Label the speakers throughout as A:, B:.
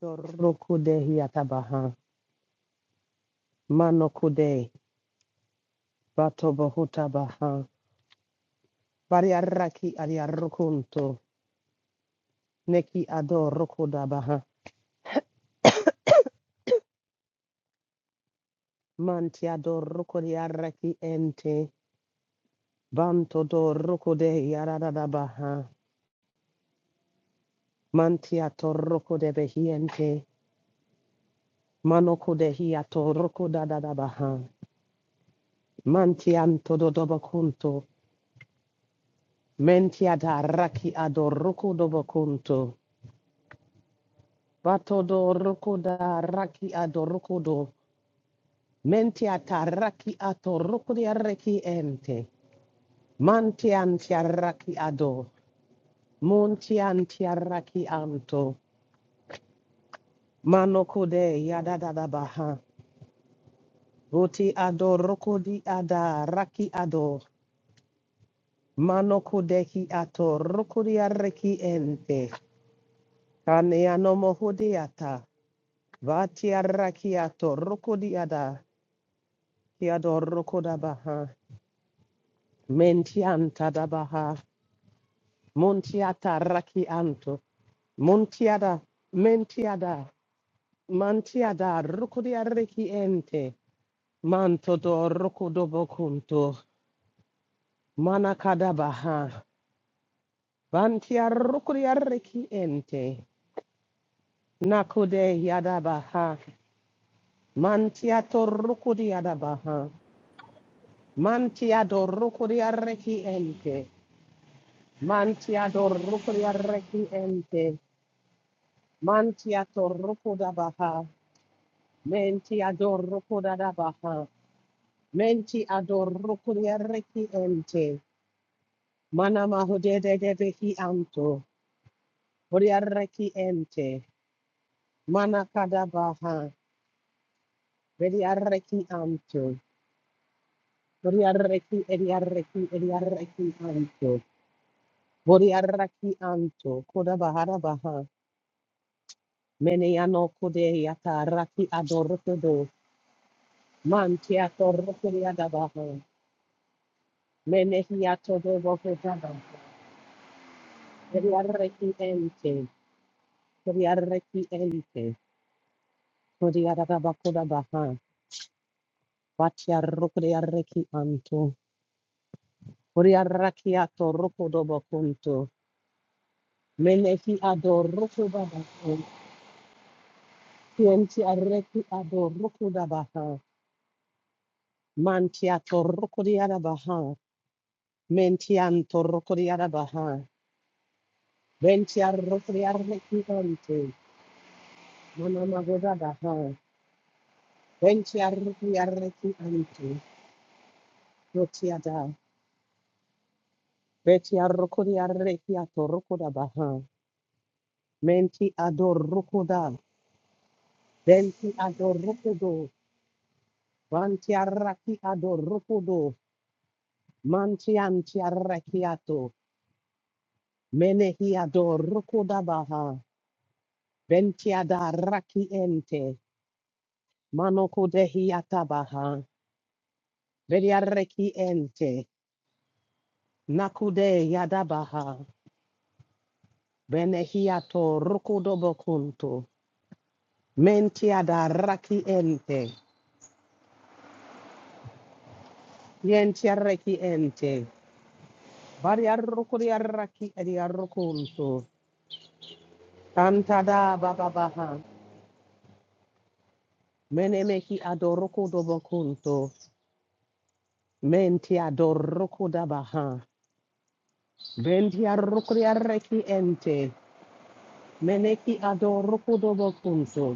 A: Dorokude hiatabaha. Manokude. Batobohutabaha. Variaraki ariarukunto. Neki adorokudabaha. Mantia dorokodiaraki ente. Banto dorokude yaradabaha. Mantia torokude behiente. Manokude hiatorokudadabaha. Mantianto dodobakunto. Mentia daraki adorokudobakunto. Bato Batodo rokoda raki adorokodo. Mentia taraki atorokodia reki ente. Mantian tiaraki ado. Montian tiaraki anto. Manokode yadadada baha. Voti adorokodi ada raki ado. Manokodehi atorokodia reki ente. kane anomoho de ata vati Kaneano mohodiata. ada atorokodiada. Kiadorokoda baha. Mentianta da baha, montiata raki anto, montiada, mentiada, mantiada, rucudia reki ente, manto do rucudo bocunto, manacada baha, bantia rucudia reki ente, nacude yada baha, mantiato rucudia da baha, mantiado rucudia reki ente, mantiado rucudia reki ente, mantiato rucuda baha, Menti adoro kodada baha. Menti adoro kuriareki ente. Mana mahude de de behi anto. Kuriareki ente. Mana kada baha. Veriareki anto. Kuriareki eriareki eriareki anto. Kuriareki anto. Koda bahara baha. Mene yano kude yata raki adoro kodo. Manti adoro kuriada baha. Mene hiato de bokodada. Kodiaraki ente, kodiaraki ente, kodiarabakuda baha, batia rukodiaraki anto, kodiaraki ato rukodobo kunto, menehi ado rukoda baha, kienti areki ado rukoda baha, mantia to rukodiara baha, mentianto rukodiara baha, bentia rukodiaraki ente, manamagoda baha, bentia rukodiaraki ente, Beti arrokodi arreki atorokoda baha. Menti adorokoda. Benti adorokodo. Vanti arraki adorokodo. Manti anti arrakiato. Menehi adorokoda baha. Benti adarraki ente. Manokodehi atabaha. Beri arreki ente. Nakude yadabaha. Benehi atorokodo bokunto. Menti adarraki ente. Yenti arreki ente. Bari arroko di arraki edi arrokonto. Tantada baba baha. Mene meki adoroko dobokonto. Menti adoroko dabaha. Benti arroko di arreki ente. Meneki adoroko dobokonto.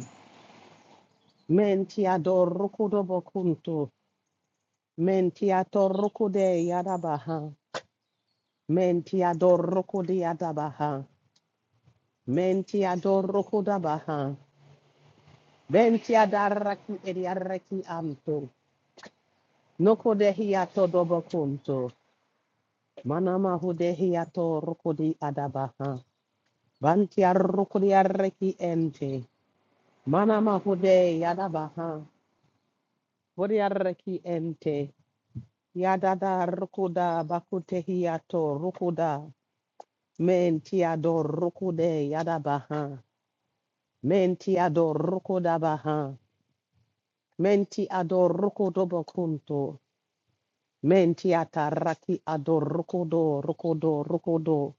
A: Menti adoroko dobokonto. Menti atoroko de yadabaha. Menti adoroko de yadabaha. Menti adoroko dabaha. Bentia darraki ediarreki anto. Noko de hiato dobo kunto. Manama hude hiato rukudi adabaha. Bantia rukudi arreki ente. Manama hude yadabaha. Bodi arreki ente. Yadada rukuda bakute hiato rukuda. Mentia do rukude yadabaha. Mentia do rukuda baha. Menti ador rukudobo kunto. Mentiata raki adorokodo rokodo rokodo.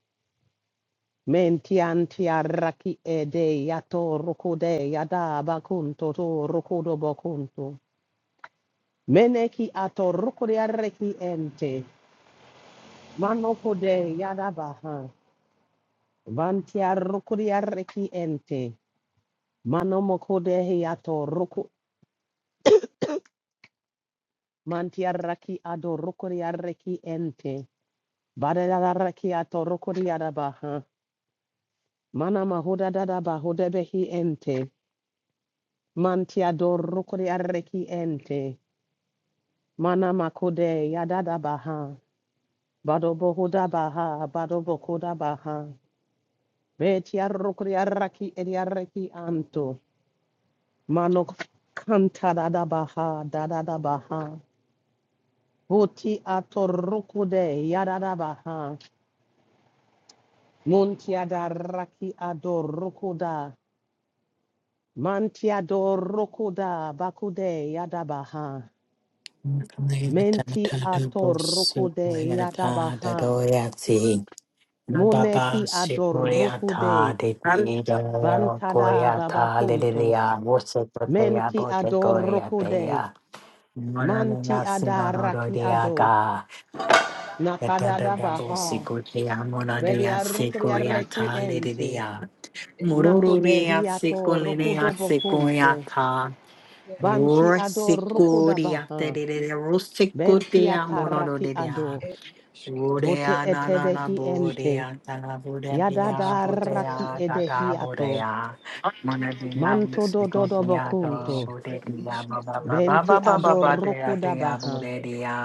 A: Mentiantia raki ede yato rokode yada bakunto to rokodo bakunto. Meneki ato rokode arreki ente. Manokode yada baha. Vantia rokode arreki ente. Manomokode yato roko. Mantia raki ado rokode arreki ente. Badada raki ato rokode yada baha. Mana mahuda dada bahuda behi ente. Mantia dorukuri arreki ente. Mana makude yadada baha. badobo hoda baha. badobo koda baha. Betia rukuri arraki edi arreki anto. Mano kanta dada baha. Dada da baha. Buti atorukude yadada baha. Muntia darraki adorukuda. Mantia dorukuda bakude yadabaha.
B: Baba
A: Menti atoroko de yadabaha. Moneki adoroko
B: Shikmuriata
A: de.
B: de
A: Bantada babakunto. Menti adoroko de. Manti adaraki ado. Nakada
C: It
A: baha. Vedi
C: is
A: arukuri
C: Keturah.
A: areki ente.
C: Yeah, it's
B: Mururu
A: Nakude
B: ya
C: Keturah.
B: seko
A: hiato
C: It
B: lene
A: rokudo
B: ya seko ya
A: bokunto.
B: ta.
C: is
A: Banti
C: Keturah.
A: adoroko da
B: Rosikuria
A: baha.
B: terere
A: Benti
B: rosikutia
A: ataraki
B: monorodia.
A: ado.
C: It is Es Keturah.
A: Bote
B: Bodea
C: It
B: na
C: is
B: na na
A: etebehi
C: Keturah.
A: ente.
B: bodea na na bodea
A: Yadada raki
B: bodea da da
A: edehiato.
B: bodea. Monadia
A: Manto do do do
C: A
B: rosikutia
A: bocunto.
B: to
C: is Kuru
B: bodea
C: is
B: ba ba ba
C: Keturah.
B: ba
C: It
B: ba
A: Benti
B: ba
C: is
B: ba ba
C: Keturah.
A: adoroko
B: dea dea
A: dabaha.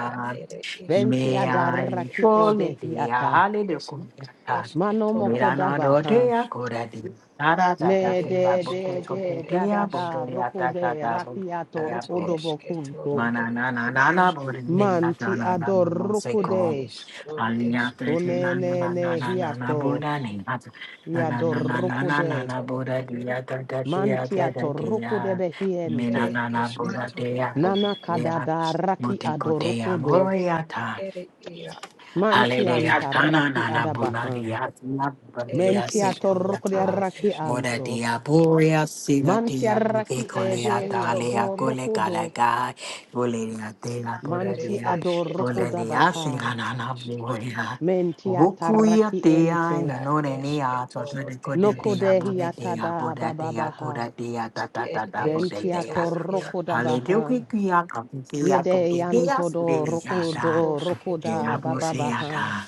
C: A it is
A: Benti
B: me
C: Keturah. It
B: I
A: adaraki
C: is
B: surely
C: Keturah.
B: be a
A: edehiata.
B: holiday kumata.
C: Es
A: Mano
C: Keturah.
A: moko
B: Mirana
C: Yaru
A: dabaha.
B: rotea
C: Ash.
B: kurati. Tara tata
C: It
A: Ne
B: tiva
A: de
C: is
B: bunte
A: de
C: Keturah.
A: de
C: It
A: da da
B: kumpetea
C: is
A: da
B: buntea
A: roko
B: tata
A: de
B: tata
A: rakiato
B: buntea
C: At
A: roko
B: bun.
A: do
C: es Keturah.
A: bocunto.
B: Mana
C: It
B: na na
C: is
B: na na
C: Yarush.
B: burini na na
A: Manti
B: na na na
A: adoroko
C: It
B: buseko.
A: de.
C: is Kuru
B: Alinya
C: is
B: tete
C: Keturah.
A: One
B: na na
C: It
A: ne
B: na na
A: ne
C: is
B: na na na
A: hiato.
B: buda ni na na na na
C: I
B: na
A: Yadoroko
B: na
C: ashke
B: na
A: de.
B: na
C: toro
B: buda
C: are
B: dia tata
C: iarosk.
B: dia
A: Manti
B: tata
A: atoroko de
B: dia. Mina
C: Ere
A: behiente.
B: na na
C: ishke
B: buda
C: toro
B: dia
C: are
B: buda
A: Nana
B: dia.
A: kadada
C: iarosk.
A: raki
B: Bute kotea
A: adorokodo.
B: moya
C: Ere iaro
A: Manti
C: ashke
B: Hallelujah.
C: toro
A: anta
C: e.
B: Kana
A: raki
B: na na buna
A: adabaha.
B: dia tina
C: Ere
B: batia
A: Menti
C: ishkro
A: atoroko de
B: sequinata.
C: ere
A: raki
C: eshke
B: Moda
C: toro.
A: anto.
B: dia boria sina
A: Manti
B: dia buke
A: araki
B: colea
C: Ashke
A: ede
C: toro
B: talia
C: ere
B: cole
A: yatorokodo.
C: eshke.
B: caraca. Olea tela bura
C: Ere
A: Manti
B: dia.
C: eshke toro
A: adorokoda
B: Olea
C: ere
A: baha.
B: sina
C: iaro
B: na na
C: eshke.
B: boria.
A: Menti
B: Wukuya
A: ataraki
B: tia in the
A: ente.
C: A eshke
B: norenia,
C: toro
B: tosode code
C: ere
A: Noko
B: dia
C: eshke
A: dehi
B: bode
C: toro e.
B: dia
A: atada
B: boda dia cura
A: bababaha.
B: dia ta ta
C: Ere
B: ta ta
A: Benti
B: bode
C: eshke
B: dia.
C: toro iaro
A: atorokoda
C: ishke.
B: Hallelujah.
A: baha.
B: Kia kote dia
A: Yede
B: kote dia.
A: yanto
B: Sude
A: do
B: dia
A: rokodo
C: Ishkroshke
A: rokoda
C: toro ere
A: bababaha.
C: eshke.
B: Inabusiata.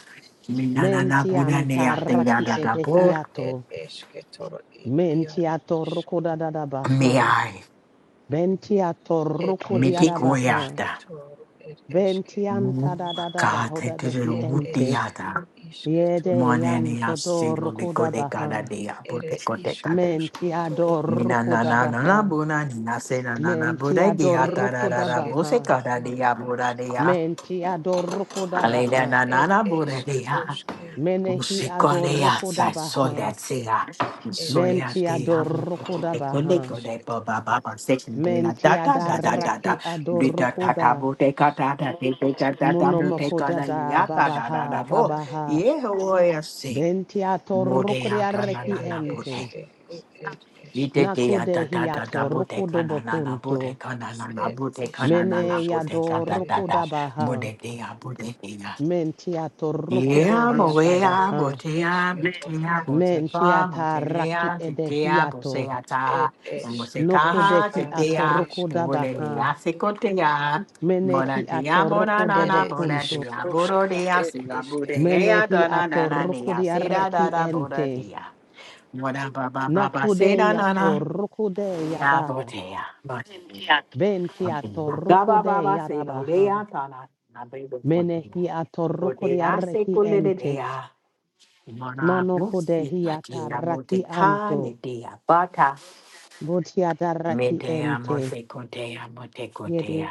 A: Mentiam taraki
B: Minananabunaneatinadadabu.
C: A ere
A: edehiato.
C: eshke toro e iaro
A: Mentiato
C: ishke.
A: rukodadadabaha.
B: Miai.
A: Bentiato
C: Ed eshk
A: rukodiadabaha.
C: roshke
B: Mitikoyata.
C: toro ed eshke
A: Bentiam tadadadabahoda behi
C: ed
A: ente.
C: eshk
B: Katetirutiata.
C: ro ishke toro
A: Yede
B: Monenia
A: yanto do
B: silo de codecada
A: rukodabaha.
B: de
C: ere ish
B: apotecotecate.
C: roshke toro
A: Mentiado
C: ere eshke
A: rukodabaha.
B: Minananabuna, Nasenana
A: Mentiado
B: Budegia,
C: ed
B: Tarara
C: eshke toro
A: rukodabaha.
B: Musicada de
C: yaro ashke
B: Aburadia,
A: Mentiado
B: Alena
A: rukodabaha.
C: ed
B: Nana
C: eshk
B: Buddha
C: roshke
A: Menehi
C: yaro
A: ador
B: Usikole
C: ash
B: outside, so
A: rukodabaha.
B: let's say,
C: ed
B: so yeah,
C: eshke
B: they
A: Bentiado
B: are
C: toro ere
B: the
C: yaro
B: colleague
A: rukodabaha.
B: of the
C: ishke toro
B: Baba Baba section, they are da
A: Menti
B: da da da
C: ya
B: da da,
A: adaraki
C: eshke
B: Lita
C: toro a
B: Tata
A: adorokoda.
B: Boteka
C: ish
B: Tata, they take a Tata
C: ishk
B: Boteka,
A: Monomokoda
B: and the
A: da
B: Ata da
C: ishk
B: da
C: ro
B: da
A: babaha
B: bo,
C: are
A: babaha.
C: eshke
B: yeah,
C: toro
B: we are saying,
A: Benti atorokori
B: Modea da na
A: areki
B: na
C: ere
B: na bote.
A: ente.
C: eshke ro ed
B: Ite
C: eshke
B: te te ya
C: toro
A: Nakude
B: da da
A: hi
B: da da boteka
A: atorokodo
B: na na na bo
A: bokunto.
B: boteka na na na
C: er
B: bo boteka na na na
A: Mene
B: bo
C: iškruška
B: boteka da
C: ir
B: da da.
A: yadorokoda
C: išketoro
A: baha.
B: Mode te ya bote
A: Menti
C: ir
A: atorokode
B: yeah,
A: hi
B: boy, I
C: iškero
A: atabaha.
C: ir
B: bought it, I bought it,
C: išketoro
B: I
C: ir
B: bought it,
A: Menti
C: iške
B: I bought it, I
A: ataraki
B: bought it, I bought it,
A: edehiato.
B: I
C: ir
B: ta, I bought it,
C: iškruška
A: Nokodeki
C: na
B: I
A: atorokoda
B: bought it, I bought
C: išketoro
A: baha.
B: it, I se kote ya. Mora
A: Meneki
B: dia, mora na
C: ir
A: atorokodo
B: na, mora dia, mora
C: iškruška
B: dia, se
C: ir
B: la mora
C: išketoro
B: dia,
A: Menehi
B: da na na na,
A: atorruku
B: dia,
A: di
B: se da da
A: arreki
B: da, mora
A: ente.
B: dia. Mora ba ba ba ba, se
A: Nakude
B: da na na,
A: atorruku de
B: ya bought
A: yada.
B: it, ya, bought it, ya,
A: Benti
B: bought it, ya.
A: atorruku
B: ba ba
A: de
B: ba, se lo le
A: yarabaha.
B: ya, ta na na, be be kote ya.
A: Menehi atorruku
B: Kote
A: di
B: se
A: arreki
B: kule de de
A: ente.
B: Mana
A: Manokude
B: Musi
A: hi
B: Katira
A: atarraki
B: Moteka,
A: anto.
B: Dea, Bata,
A: Buti adarraki
B: Medea
A: ente.
B: mosecotea
A: Yedi
B: motecotea.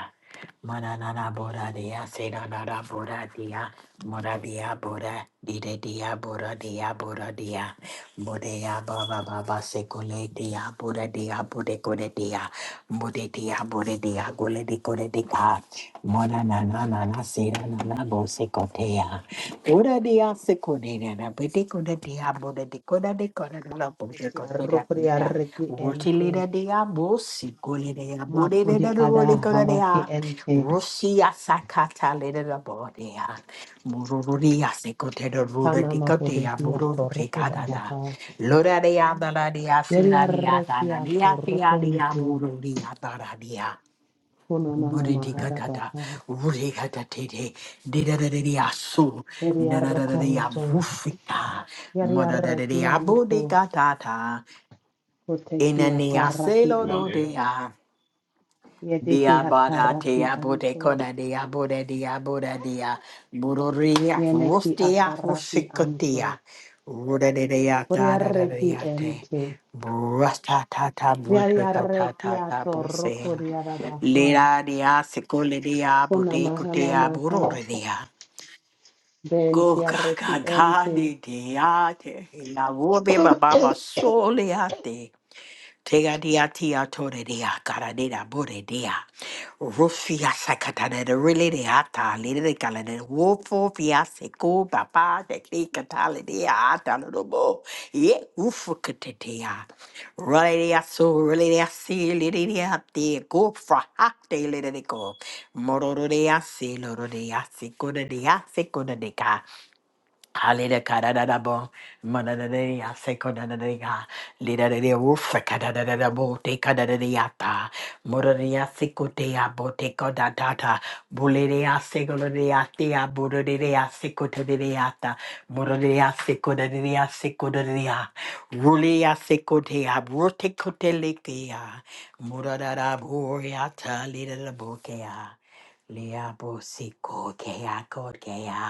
B: Mananana boradia, sedanada boradia, moradia bora, didedia boradia boradia, bodea baba baba secoletia, boradia bodecoretia, bodetia boredia, goledicoretica, monanana sedanana bosecotea, boradia secoletia, bodecoretia, bodecoretia, bodecoretia,
A: enti arruku di
B: bodecoretia,
A: arreki ente.
B: Wotilida de abosi, golida ya bodida da
A: Makudi
B: rode
A: adaharaki
B: golida,
A: ente.
B: Rosia sakata lida da bodea, Mururia secote da ruda
A: Kana mahude
B: dicotea,
A: hi
B: Muru
A: atorruku
B: ricada,
A: dadaha.
B: Lora de adaladia,
A: Deri
B: Sinadia,
A: arreki
B: Tanadia,
A: atorruku
B: Fialia, Mururia, Taradia.
A: Kuna mama
B: Muridigatata,
A: maharabaha.
B: Urigatate, Didadadia Su,
A: Yeri
B: Nanadadia
A: arrokonto.
B: Bufita,
A: Yeri
B: Madadadia
A: arrekianto.
B: Bodigatata,
A: Uteki ataraki
B: Inaniaselo do
A: anto.
B: dea.
A: Yedeki
B: Bia bada tea
A: ataraki
B: bote
A: anto.
B: coda dea boda dea boda dea. Bururia
A: Yeneki
B: rustia
A: ataraki
B: fusicotia.
A: anto.
B: Ruda de dea
A: Uri
B: da da da
A: arreki
B: dea te.
A: ente.
B: Brusta ta ta
A: Yeri
B: brutica ta
A: arreki
B: ta ta
A: atorroko
B: posea.
A: diarabaha.
B: Lira dea secole dea
A: Kuna
B: bote
A: mahana
B: cotea
A: maha.
B: bururia. Go
A: Benti
B: ga
A: arreki
B: ga ga de
A: ente.
B: dea te. La vobe baba soleate. Tega dia tia tore dia cara de bore dia. Rufia sacatana de rele de ata, lady de calade, wofo fiase papa, de clicatale de ata, no bo. Ye ufucatea. Raleia so, releia si, lady de ate, go fra hacte, lady de go. Moro de asi, loro de asi, coda de asi, Halida kadadadabo, manadadea sekodadadea, lidadadea woofa kadadadadabo, te kadadadeata, moradea sekotea boteko dadata, buledea segolodeatea, bododea sekotodeata, moradea sekodadea sekodadea, rulea sekotea, brotekotelekea, moradadaboreata, lidadabokea. Lea bo siko kea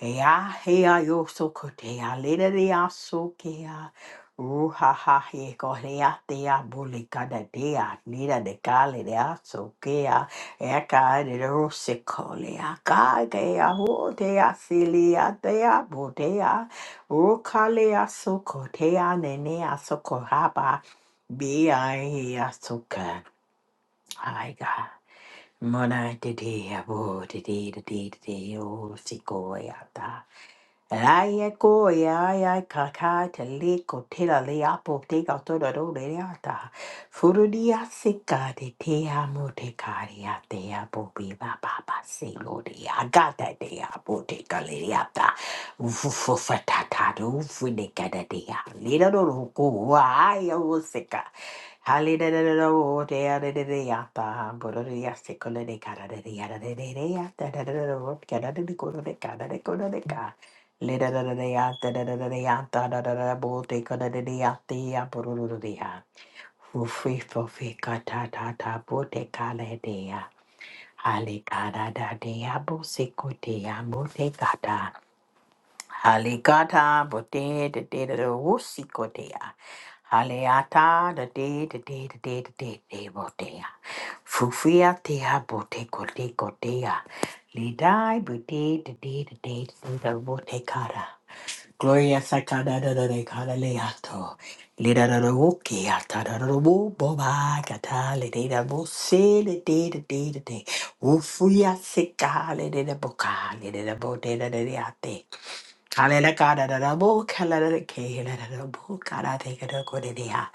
B: Ea, hea, yo so kotea, lera dea so kea, ruha ha he korea dea, bole da dea, Nida de kale dea so kea, eka de rose kolea, ka dea, ho dea, silia dea, bo dea, o kalea so kotea, nenea so kohaba, bea hea so ka, ai ga. Mona de dea, bo de dea, de dea, de dea, o sikoea Raya koya ya kaka tele kotela le apo te ka tora ro le ata. Furu dia sika de te te amo te karia te apo bi ba ba ba se lo de agata te apo te kale ata. Ufu fu fatata ufu de kada te a Lira ro ro ko wa ya o sika. Hali da da da da o te a de de de ata. Boro de ya siko le de kada de de ya da de de da da da da o kada de de ko de kada de ko de Halikata bote de ya. Fu fi fo fi ka ta ta ta bo te ka le de ya. Hale ka da da de ya bo se ko te ya bo te ka ta. Hale ka ta bo te de wusikotea. Haleata da de de de de de de de de botea. Fufia tea bote kote kotea. Lidai bote de de de de de de bote Gloria sakadadadade kadaleato. Lidadadawoke atadadadawo boba katale dedabo se le dede dede de. Ufuya sekale dedebo kale dedebo dedadade ate. Kalele kada da da bo, kalele de ke la da da bo, kada te kada kode de ya.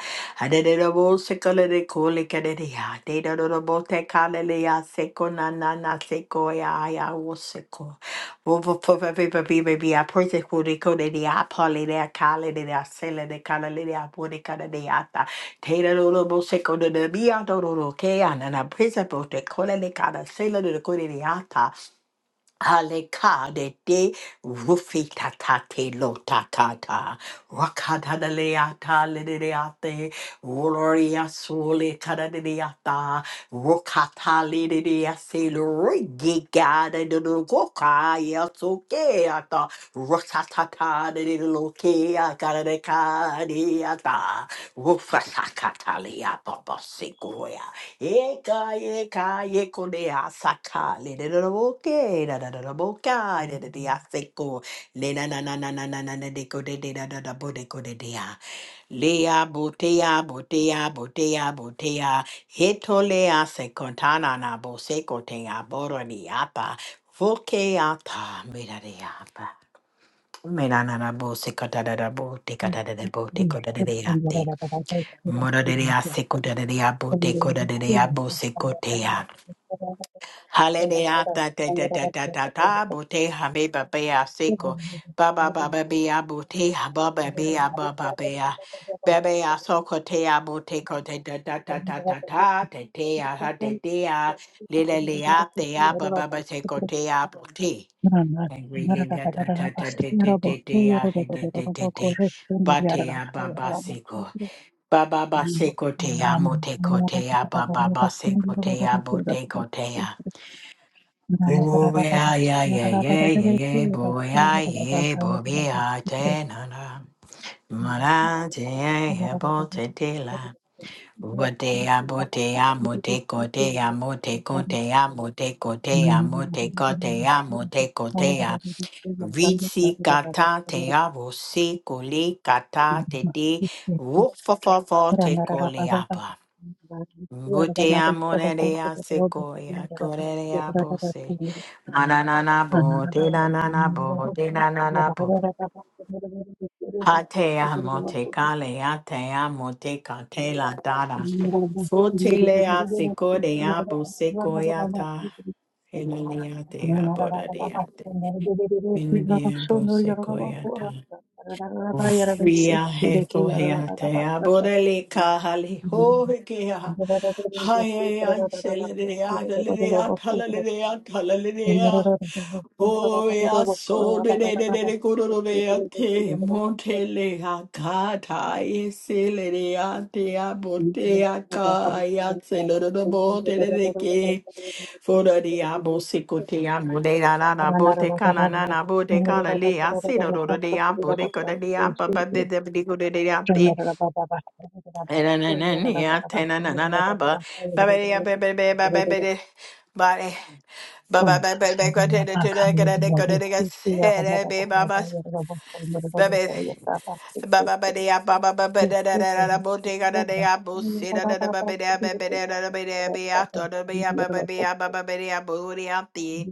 B: Ade de da bo, se kole de ko le kada de ya. De da da da bo te kalele ya, se ko na na na, se ko ya ya wo se ko. Wo wo po pe pe pe pe pe ya, po te kode kode de ya, pale de ya, kale de ya, sele de kalele de ya, po de kada de ya ta. Te da da da bo, se ko de de bi ya, do do do ke ya, na na, prese po te kole de kada, sele de de kode de ya ta. Alekadete rufitatate lotatata rakadadaleata lidiate gloria sole kadadiata rokata lidiase lorigigada dodogoka yatokeata Rosatata de Lokea Karadekadiata Rufasakatalia Baba Sequoia Eka Eka Yekonea Sakali de Loke da da da da Boka de the Lena na na na na na na na deco de da da da bodeco de dea Lea Botea Botea Botea Botea hetolea se Secontana na Bosecotea Boroniapa Vokeata Mirariapa Mena na na bo se kota da da bo te kota da da bo te kota da da ya te. Mora da da ya se da da ya bo te kota da da ya bo se kota ya. Hale de ya ta ta ta ta ta ta ta bo te ha be ba be ya se ko. Ba ba ba ba be ya bo te ha ba ba be ya ba ba be ya. Ba ya so te ya bo te te ta ta ta ta ta ta te te ya ha te te ya. Le le le ya te ya ba ba ba se te ya bo te. Really, yeah, da- da- da- da- da- da- da- yeah, hey, da- da- da- da. Ba te ya ba ba se go. Ba ba ba se go te ya mo te ko te ya ba ba ba se go te ya bo te ko te ya. Ooh, yeah, yeah, yeah, yeah, yeah, yeah, boy, yeah, yeah, boy, be hot, eh, na, na. Ma, na, yeah, yeah, bo, te, te, la. Bo, te, ya, bo, te, ya, mo, te, ko, te, ya, mo, te, ko, te, ya, mo, te, ko, te, ya, mo, te, ko, te, ya, mo, te, ko, te, ya. Ritsi gata te avo se kole gata te de wofofofo te kole aba. Bute amone de ase koya kore de abo se. Ananana bo te nanana bo te nanana bo. Hate amo te kale ate amo te kate la dada. Fote le ase kore abo se koyata. Enene ate abo da de ate. Enene abo se koyata. Viaje te aborele kahali hohekea hayaya shelelea shelelea talalea talalea Oya so de de de de de kororo de ate montele akata esele de ate abote akaya seloro de bote de de ke fora de abo sikote amo de la la la bote kana na na bote kana le asiro de abo de kore de apa ba de de de kore de ate Body. Baba, baby, Ba ba ba da ba ba ba ba da da da da da bo de ga da da ya bo si da da da ba ba da ba ba da da da ba da ba ya to da ba ya ba ba ba ya ba ba ba da ya bo de ya ti.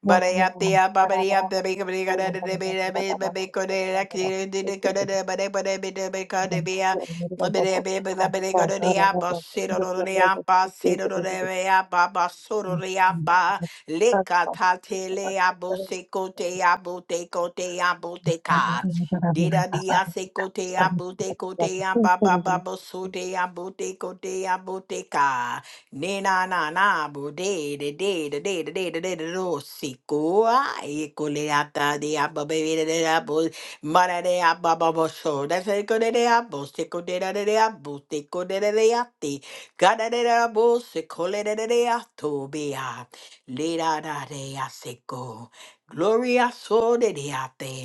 B: Ba da ya ti ya ba ba da ya ba ba ga ba da ga da da da ba da ba ba ba ko de la ki de de de ko de Bea Bade Baby la Badego de ba de ba de ba de ba ko de ba ya. Ba ba da ba ba da ba de ga da da ya bo si da da da da ya ba si da da da ba ya ba ba so da da ya ba. Le ka ta te le ya bo se ko te ya bo te ko te ya bo te ka. Dida dia se kote a bute kote a ba ba ba bo sote a bute kote a bute ka. Ne na na na bo de de de de de de de de de de do si ko a e kole a ta de a ba de de a bo ma da a ba ba so da se ko de de a se ko de da de de a bo ko de de de a te ga da de da bo se ko le de de de a to be le da da de a Gloria so de de a te.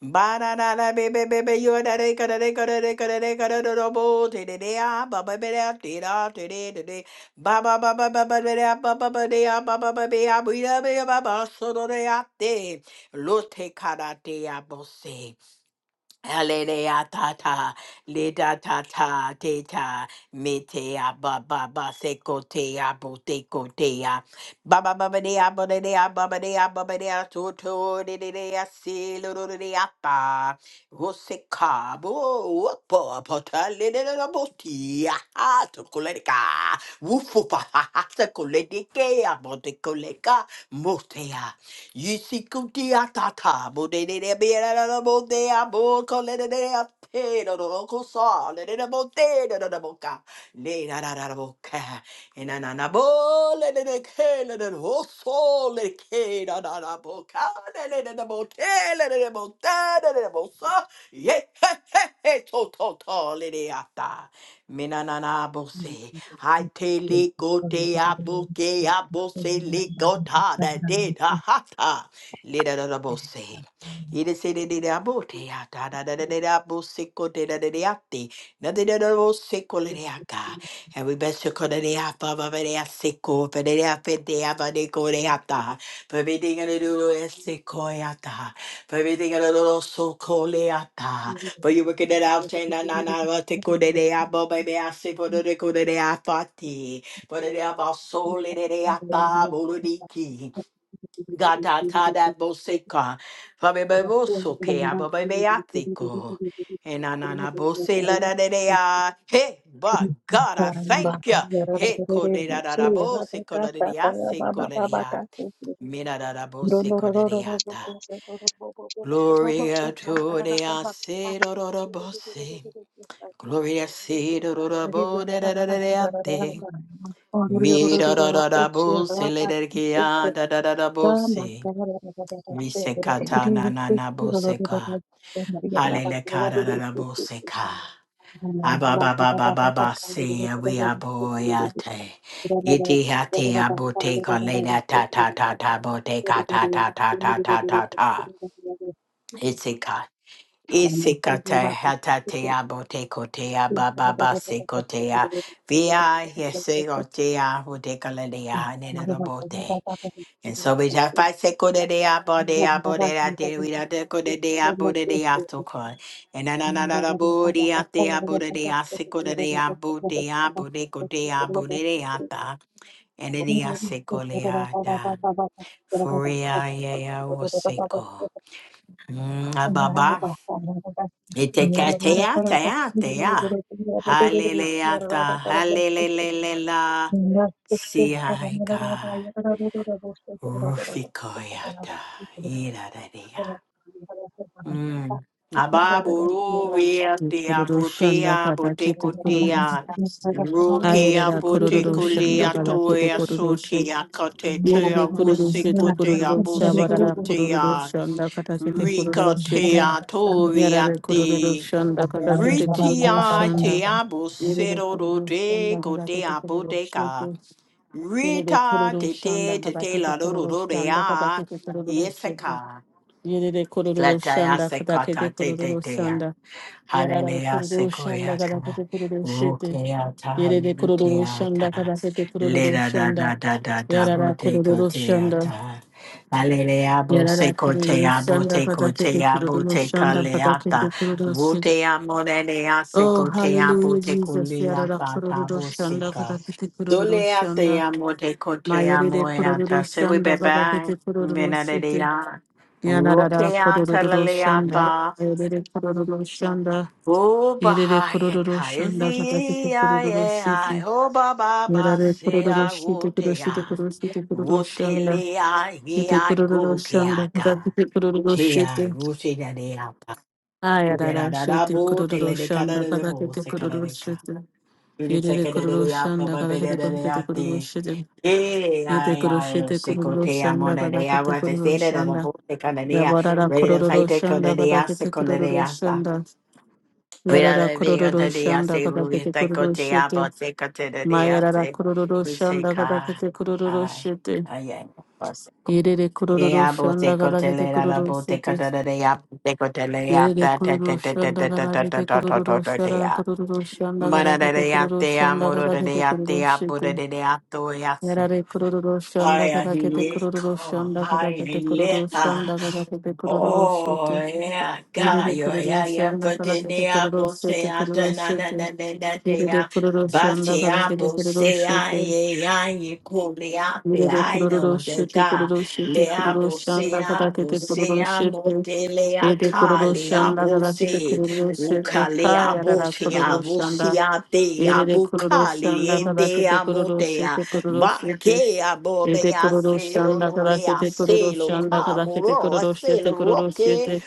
B: Ba da da da be be be be yo da de ka da de ka da de ka da de ka da da da bo te de de a ba ba be da te da te de de de ba ba ba ba ba ba be da ba ba ba de a ba ba ba be a bu da be ba ba so do de a te lo te ka da te a bo se. Hallelujah, ta ta, leda ta ta, te ta, metea, ba ba ba, se kotea, bo te kotea, ba ba ba ba dea, ba da dea, ba ba dea, ba ba dea, to to, de de dea, si, lo lo de dea, pa, rose ka, bo, po, po, ta, le de de la bo ti, ah, ah, to koleca, wufu, pa, ha, ha, se koleca, motea. Yisikutiatata, budededebeadadadabodea, bokolededea, pedodorokosa, lededebodedadadaboka, ledadadadaboka, enananabo, lededeke, lededoso, leke, dadadaboka, lededebote, lededebote, lededebosa, ye- he- he- he, to- to- to, ledeata. Menanabose. I tele gote abuke abose likota da de da hata. Lida da da bose. It is a de da bote ata da da da da da bose kote da da da ate. Na de da da bose kole de aka. And we best to kole de apa va de a seko va de a fe de a va de kole de ata. For everything a little seko ata. For everything a little so kole ata. For you wicked that I've changed, na na na, I take good day, I bow, baby, I say, for the record, day, I party. For the day, I bow, soul, day, day, I bow, boo, the key. God, ta, ta, that bo, seka. For me, baby, bo, so, okay, I bow, baby, I think, oh. And na na na, bo, say, la, da, da, da, ah. Hey, but God, I thank you. Hey, ko, da, da, da, da, bo, say, ko, da, I say, ko, da, da, da. Me, da, da, da, bo, say, ko, da, da, da, da. Gloria to the I say, Gloria si do do do bo da da da da da de. Mi da da da da bo se le de ki a da da da da bo se. Mi se ka ta na na na bo se ka. Halele ka da da da bo se ka. Aba ba ba ba ba ba se a we a bo ya te. Iti ha te a bo te ka le da ta ta ta ta bo te ka ta ta ta ta ta ta ta. Isikata hatatea botekotea bababa sekotea via yesegotea botekalea nenorobote. And so we have five sekodea bodea bodea de we are decodea bodea tokon. And another bodea dea bodea sekodea bodea bodekotea bodeata. And it is sekoleata. Furia yea or seko. Itekatea, tea, tea. Hallelujah, hallelujah. See, I got Rufikoyata. Ida, Mm. Ababururia dia
D: Kururu şanda
B: butea
D: kada kete kururu.
B: botecotea
D: Ayere
B: rukia
D: da kururu şanda
B: botecolia
D: kada kete
B: toya
D: kururu şanda.
B: sotia
D: Yere de
B: cotetea
D: kururu şedu
B: busicotea
D: kururu şabara da kururu
B: busicotea
D: şanda kada kete kururu şede.
B: ricotea
D: Yara
B: toria
D: de kururu
B: te
D: şanda kada kete kururu
B: ritia
D: şanda.
B: tea
D: Yere de
B: busero
D: kururu
B: de
D: şanda kada kete
B: cotea
D: kururu
B: boteca
D: şede. Yere de
B: rita
D: kururu
B: te te
D: şanda
B: te
D: kada
B: te
D: kete
B: la
D: kururu şanda kada
B: rodea
D: kete kururu şede.
B: yeseka
D: Yere de kururu
B: Glad I
D: şanda
B: asked that
D: kada
B: God, I
D: kete
B: did
D: kururu
B: it there.
D: şanda. Yara da
B: Hallelujah,
D: kururu şanda kada
B: Sequoyata,
D: kete kururu şede.
B: Rukeata,
D: Yerere kururu
B: Luteata,
D: şanda kadakete kururu
B: Leda da
D: şanda.
B: da da da da,
D: Yarara kururu şanda.
B: Botecoteata, Hallelujah,
D: Yarara kururu
B: Bosecotea,
D: şanda kadakete
B: Botecotea,
D: kururu şanda
B: Botecaleata,
D: kadakete kururu şanda.
B: Botea Morenea,
D: Oh
B: Secotea,
D: hallelujah Jesus. Yarara
B: Boteculiata,
D: kururu şanda
B: Tabosica,
D: kadakete kururu şanda.
B: Soleatea, Motecotea,
D: Mayerere kururu
B: Moeata, Say we
D: şanda
B: bye bye,
D: kadakete kururu şanda.
B: Benadea,
D: Yarara kururu
B: Rukeata,
D: şanda.
B: Laleata.
D: Yerere kururu şanda.
B: Oh,
D: Yerere
B: Bahaya
D: kururu
B: Kaya,
D: şanda kadakete kururu şanda.
B: Z-E-I-A-I, oh, Baba, ba,
D: Yarare
B: say,
D: kururu
B: I
D: shite
B: would,
D: kururu
B: I
D: shite kururu shite kururu
B: would tell
D: shanda.
B: you, I
D: Shite
B: I
D: kururu
B: go,
D: shanda.
B: Kiaka.
D: Kata kite kururu
B: Tia,
D: shite.
B: Rusina, the Apa,
D: Ayarara
B: Berada,
D: shite
B: Bo, Tele,
D: kururu
B: the
D: shanda.
B: Canada, the
D: Kata
B: Bo,
D: kite kururu
B: Secadareca.
D: shite.
B: In
D: y e
B: the
D: r e
B: second of
D: kururu
B: the
D: shanda.
B: Apa,
D: Kata
B: Beda,
D: kite kururu
B: the
D: kururu
B: Ate.
D: shite.
B: Eh,
D: Yete
B: I,
D: kururu
B: I, will
D: shite kururu
B: Secotea,
D: shanda.
B: Mona,
D: Kata
B: the
D: kite
B: Apa, the
D: kururu
B: Seda, the
D: shanda.
B: Bo, Secanania,
D: Yabarara
B: ready to
D: kururu
B: fight, the
D: shanda. Kata kite kururu
B: Codanea,
D: shanda.
B: We
D: Yarara
B: are the God
D: kururu
B: of the
D: shanda.
B: Ase.
D: Kata
B: We
D: kite
B: take God
D: kururu
B: to
D: shite.
B: Abba. Take God to the
D: Mayarara
B: Ase.
D: kururu
B: We
D: shanda.
B: take
D: Kata
B: God.
D: kite kururu
B: I.
D: shite.
B: I am. Boss.
D: 入れてくるるるる
B: Yeah,
D: シ
B: Abba.
D: ョン
B: Take
D: だか
B: God
D: だ
B: to
D: け
B: the
D: てくるるるる
B: Abba.
D: し
B: Take
D: て
B: God to the Abba. Take God to the
D: 入れ
B: Abba.
D: て
B: Ta
D: く
B: ta
D: るるる
B: ta
D: るシ
B: ta
D: ョン
B: ta
D: だか
B: ta ta
D: だけ
B: ta
D: て
B: ta ta
D: くる
B: ta
D: るる
B: ta
D: るシ
B: ta ta.
D: ョンだか
B: Mara
D: だけ
B: the
D: て
B: de
D: くるるるる
B: ate
D: ションだか
B: amuro
D: だ
B: de
D: け
B: de
D: てくるるる
B: ate
D: るシ
B: abu
D: ョ
B: de
D: ンだ
B: de
D: か
B: de ato
D: だけ
B: yase.
D: てくるるるるして入れ
B: Haya
D: てくる
B: hi
D: るるるショ
B: eko.
D: ンだかだ
B: Haya
D: けてくるるるるショ
B: leha.
D: ンだかだけてくるるるるションだかだけてくるるるるし
B: Oh
D: て
B: yeah,
D: 入れ
B: God,
D: てくる
B: yeah,
D: るる
B: yeah,
D: るション
B: yeah.
D: だ
B: But
D: かだけ
B: then
D: て
B: they
D: くる
B: are
D: るるる
B: both
D: し
B: say,
D: てく
B: I
D: るるるる
B: turn
D: し
B: on and
D: て
B: then they that
D: 入
B: they
D: れて
B: are.
D: くるるるるショ
B: But
D: ンだ
B: they
D: かだ
B: are
D: けて
B: both
D: くるるるる
B: say,
D: し
B: I,
D: て
B: yeah, yeah, you cool, they are,
D: 入
B: they
D: れるク
B: I
D: ロロ
B: know
D: ロシ
B: the
D: テクロ
B: God.
D: ロシテ
B: They
D: クロ
B: are
D: ロ
B: both
D: シアン
B: say,
D: ダカ
B: I
D: ダケ
B: both
D: テクロ
B: say,
D: ロ
B: I
D: シ
B: know
D: テ
B: they lay
D: エ
B: a
D: デクロ
B: car,
D: ロ
B: they
D: シア
B: are
D: ンダカ
B: both
D: ダケテク
B: say,
D: ロロシテ
B: Uka, they
D: カ
B: are
D: ヤラ
B: both
D: ラク
B: say,
D: ロ
B: I
D: ロシ
B: both
D: アンダ
B: see, I they
D: エ
B: are
D: レレ
B: both
D: クロロ
B: car,
D: シアンダカダケ
B: they
D: テクロロ
B: are
D: シテクロロ
B: Ma
D: シテ
B: che
D: エデ
B: abome
D: ク
B: a
D: ロロシアン
B: selo,
D: ダカダ
B: rore
D: ケ
B: a
D: テクロロシ
B: selo,
D: アンダカダケテク
B: camoro
D: ロ
B: a
D: ロシ
B: selo,
D: テクロロシ
B: roche,
D: テ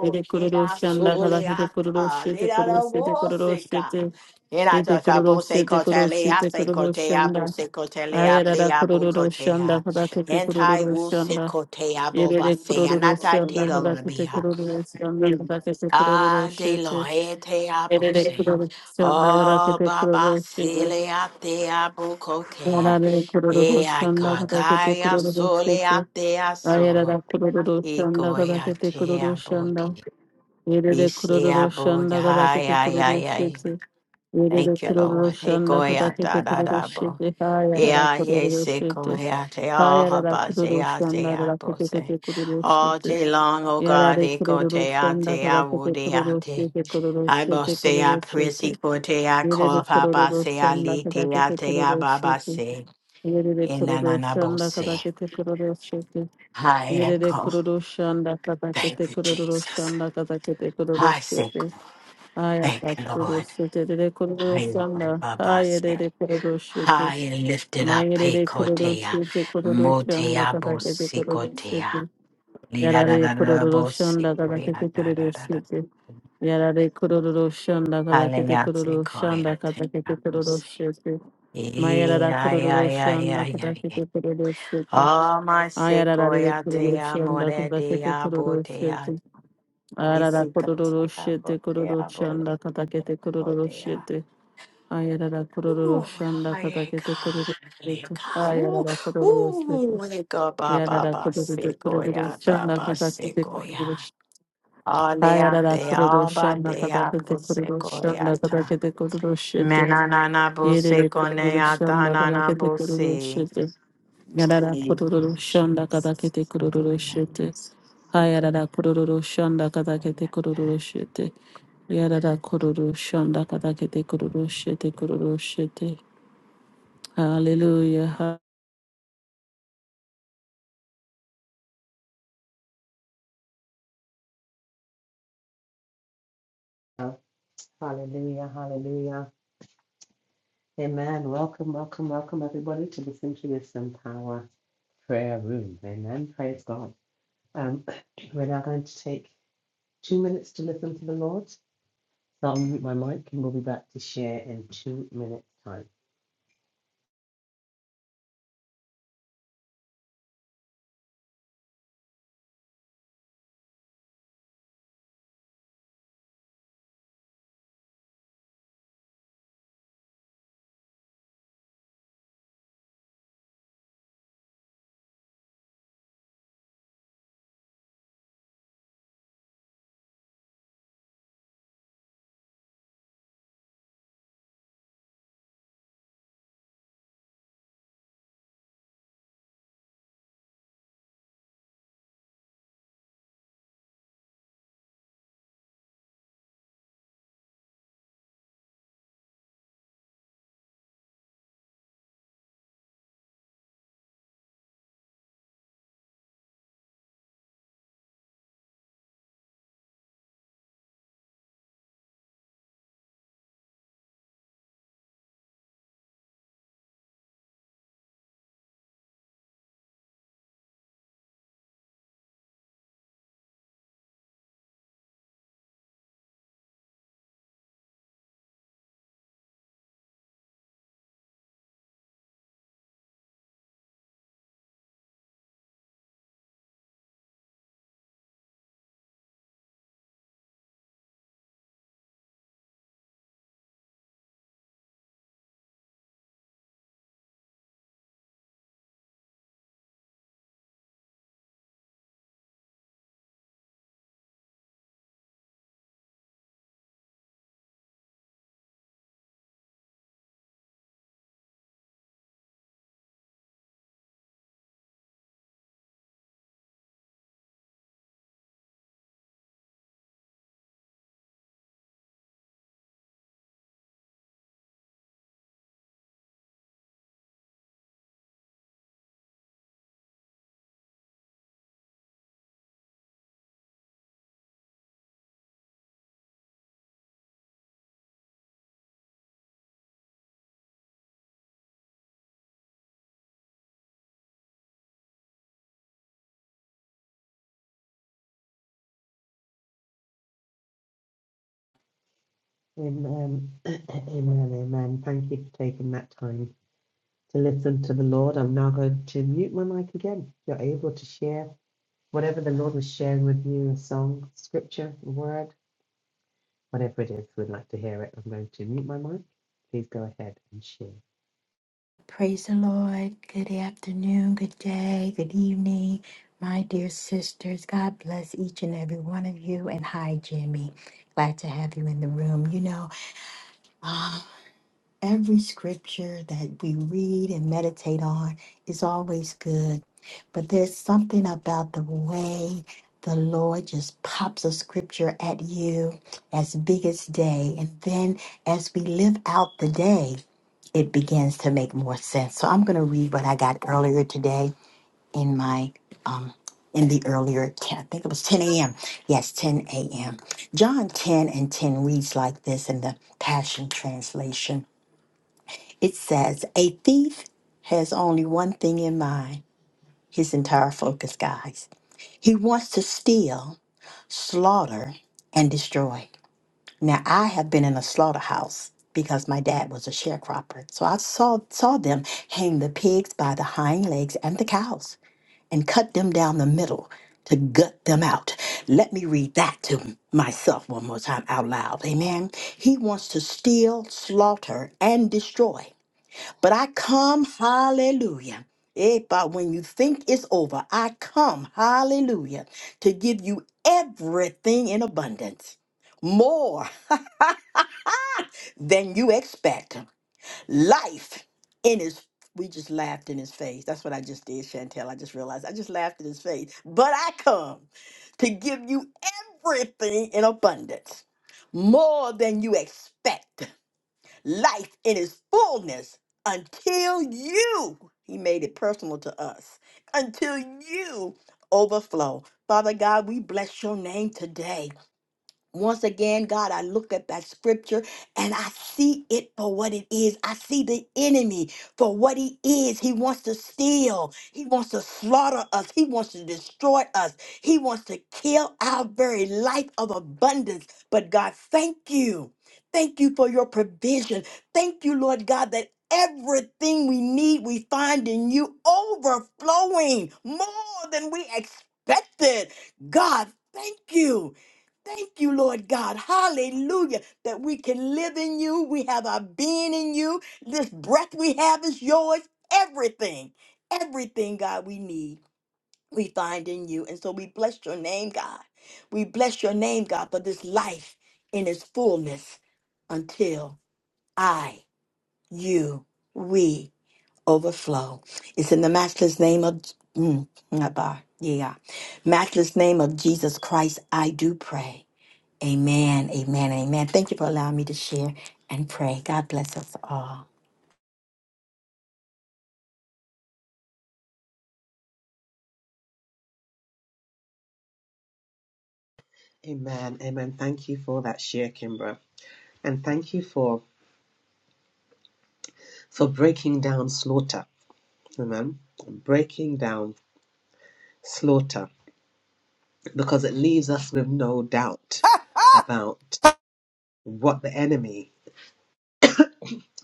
D: エデクロ ロ
B: a
D: シアンダカダ
B: sole
D: ケテ
B: a
D: クロロシ
B: tale,
D: テ
B: la
D: クロロ
B: la
D: シテクロロシ
B: voseca.
D: テ
B: E la
D: Yete
B: tata
D: kuruluş,
B: bose
D: yete kuruluş,
B: cotele a
D: yete
B: se
D: kuruluş
B: cotea,
D: yanda.
B: buse cotelea,
D: Ayarara
B: bea
D: kuruluş
B: bucotea.
D: yanda, kadakete
B: Anti
D: kuruluş
B: wuse
D: yanda.
B: cotea, boba
D: Yerere
B: se,
D: kuruluş
B: anata
D: yanda,
B: telo
D: kadakete
B: la
D: kuruluş yanda, kadakete
B: Ah,
D: kuruluş
B: de lo
D: yete.
B: ete
D: Yerere
B: abose.
D: kuruluş yanda,
B: Oh,
D: kadakete
B: baba
D: kuruluş yete.
B: sile ate abukokea.
D: Yarare
B: E
D: kuruluş
B: a
D: yanda, kadakete
B: gagaya
D: kuruluş
B: sole
D: yete.
B: ate aso.
D: Ayarara kuruluş
B: E
D: yanda,
B: goya
D: kadakete
B: te
D: kuruluş yanda.
B: abodi. E
D: Yerere
B: se
D: kuruluş yanda, kadakete
B: abogaya ya
D: kuruluş
B: ya.
D: yete. Yerere
B: Thank you,
D: kururu
B: Lord. E
D: şanda
B: goya
D: kadakete
B: da da
D: kururu
B: da bo.
D: şede
B: E
D: hayarara
B: a ye
D: kururu
B: se
D: şede
B: goya te oh
D: hayarara
B: habase
D: kururu
B: a se
D: şanda
B: abose.
D: kadakete kururu
B: Oh,
D: şede
B: te long, oh God,
D: yarare
B: e go
D: kururu
B: te
D: şanda
B: ate
D: kadakete
B: awude
D: kururu
B: ate.
D: şede kururu
B: I go
D: şede
B: say I
D: kururu
B: prissy
D: şede
B: kote I
D: yerere
B: call papa
D: kururu
B: say I
D: şanda
B: lite I
D: kadakete
B: te I
D: kururu
B: baba
D: şede
B: say
D: yerere
B: in
D: kururu
B: ananabo
D: şanda
B: say
D: kadakete kururu şede
B: I
D: yerere
B: go
D: kururu şanda
B: thank
D: kadakete
B: you
D: kururu
B: Jesus
D: şanda kadakete kururu
B: I say
D: şede
B: go
D: Ay
B: thank you
D: katuru
B: Lord
D: sete de kururu
B: I go,
D: sanda.
B: baba
D: Ay de
B: say
D: de kururu sete.
B: I lifted up
D: May de
B: pe
D: de
B: kote
D: kururu
B: I
D: sete
B: mote
D: sanda
B: I
D: kata
B: bo
D: kete
B: si
D: kururu
B: kote I
D: sete.
B: da da
D: Yarare
B: da da da
D: kururu
B: bo si
D: sanda kata
B: kote I
D: kete
B: da da
D: kururu
B: da da
D: sete. Yarare kururu sanda kata kete
B: Hallelujah say
D: kururu
B: go
D: sanda
B: I te
D: kata
B: I
D: kete
B: bo
D: kururu
B: say
D: sete. Mayarara
B: yeah yeah
D: kururu
B: yeah
D: sanda
B: yeah
D: kata
B: yeah
D: kete kururu sete.
B: Oh my
D: Ayarara de kururu
B: Amasekoyatea
D: sanda kata kete
B: moredea
D: kururu sete.
B: botea
D: Arara kororo
B: isikatea
D: shete
B: botea
D: kororo
B: bolea
D: shanda katakete kororo
B: botea.
D: shete. Ayarara kororo
B: Ooh,
D: shanda
B: my
D: katakete kororo
B: God,
D: shete.
B: leka. Ooh,
D: Ayarara kororo shete.
B: ooh, leka ba ba
D: Yarara
B: ba
D: kororo kororo
B: sekoya ba
D: shanda
B: ba
D: katakete kororo
B: sekoya.
D: shete.
B: Alea
D: Ayarara
B: te
D: kororo
B: alba
D: shanda
B: te
D: katakete
B: apo
D: kororo shanda
B: sekoyata.
D: katakete kororo shete.
B: Menanana bo
D: Yerere kororo
B: sekoneata
D: shanda
B: nana
D: katakete
B: bo
D: kororo
B: se.
D: shete. Yarara
B: Thank
D: kororo
B: you,
D: shanda
B: Jesus.
D: katakete kororo
B: Sekoya,
D: shete. Ayarara kororo shanda katakete
B: sekoyata.
D: kororo shete. Yarada kororo shanda kadakete kororo shete kororo shete. Hallelujah.
A: Hallelujah, hallelujah. Amen. Welcome, welcome, welcome everybody to the Simply Wisdom Power. prayer room. Amen. Praise God. Um, we're now going to take two minutes to listen to the Lord. So I'll mute my mic and we'll be back to share in two minutes' time. Amen. Amen. Amen. Thank you for taking that time to listen to the Lord. I'm now going to mute my mic again. You're able to share whatever the Lord was sharing with you a song, scripture, a word, whatever it is. We'd like to hear it. I'm going to mute my mic. Please go ahead and share.
B: Praise the Lord. Good afternoon, good day, good evening, my dear sisters. God bless each and every one of you. And hi, Jimmy. Glad to have you in the room. You know, ah, every scripture that we read and meditate on is always good. But there's something about the way the Lord just pops a scripture at you as big as day. And then as we live out the day, it begins to make more sense. So I'm going to read what I got earlier today in my um in the earlier 10, I think it was 10 a.m. Yes, 10 a.m. John 10 and 10 reads like this in the Passion Translation. It says, "A thief has only one thing in mind, his entire focus, guys. He wants to steal, slaughter, and destroy. Now, I have been in a slaughterhouse because my dad was a sharecropper. So I saw, saw them hang the pigs by the hind legs and the cows and cut them down the middle to gut them out. Let me read that to myself one more time out loud. Amen. He wants to steal, slaughter, and destroy. But I come, hallelujah. Eh, But when you think it's over, I come, hallelujah, to give you everything in abundance, more than you expect. Life in his we just laughed in his face. That's what I just did, Chantel. I just realized I just laughed in his face. But I come to give you everything in abundance, more than you expect life in its fullness until you, he made it personal to us, until you overflow. Father God, we bless your name today. Once again, God, I look at that scripture and I see it for what it is. I see the enemy for what he is. He wants to steal, he wants to slaughter us, he wants to destroy us, he wants to kill our very life of abundance. But God, thank you. Thank you for your provision. Thank you, Lord God, that everything we need we find in you overflowing more than we expected. God, thank you. Thank you, Lord God. Hallelujah. That we can live in you. We have our being in you. This breath we have is yours. Everything, everything, God, we need, we find in you. And so we bless your name, God. We bless your name, God, for this life in its fullness until I, you, we overflow. It's in the matchless name of, mm, not bar, yeah, yeah. matchless name of Jesus Christ, I do pray. Amen, amen, amen. Thank you for allowing me to share and pray. God bless us all.
A: Amen. Amen. Thank you for that share, Kimbra. And thank you for for breaking down slaughter. Amen. Breaking down slaughter because it leaves us with no doubt about what the enemy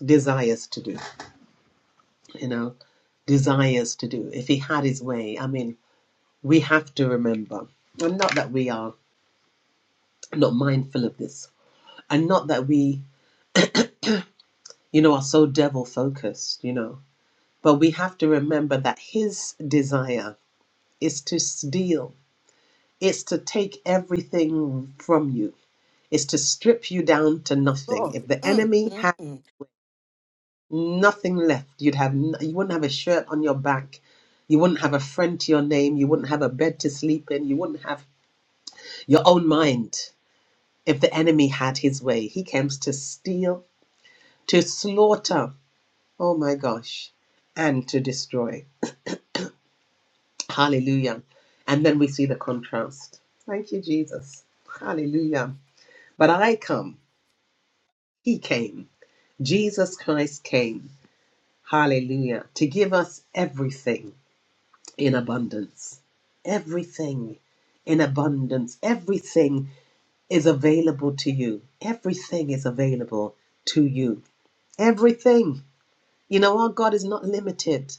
A: desires to do. You know, desires to do. If he had his way, I mean, we have to remember, and not that we are not mindful of this, and not that we, you know, are so devil focused, you know, but we have to remember that his desire is to steal It's to take everything from you. It's to strip you down to nothing.
B: Glory.
A: If the
B: Mm,
A: enemy had
B: mm,
A: nothing left, you'd have n- you wouldn't have a shirt on your back. You wouldn't have a friend to your name. You wouldn't have a bed to sleep in. You wouldn't have your own mind. If the enemy had his way, he comes to steal, to slaughter. Oh my gosh, and to destroy. Hallelujah. And then we see the contrast. Thank you, Jesus. Hallelujah. But I come. He came Jesus Christ came, hallelujah, to give us everything in abundance. Everything in abundance. Everything is available to you. Everything is available to you. Everything. You know, our God is not limited.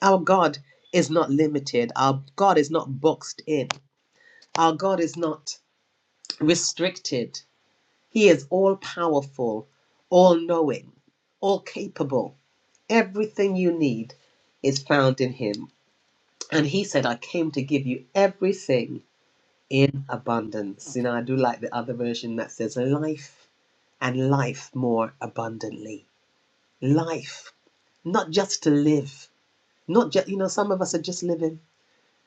A: Our God is not limited. Our God is not boxed in. Our God is not restricted. He is all powerful, all knowing, all capable. Everything you need is found in Him. And He said, I came to give you everything in abundance. You know, I do like the other version that says life and life more abundantly. Life, not just to live, not just, you know, some of us are just living,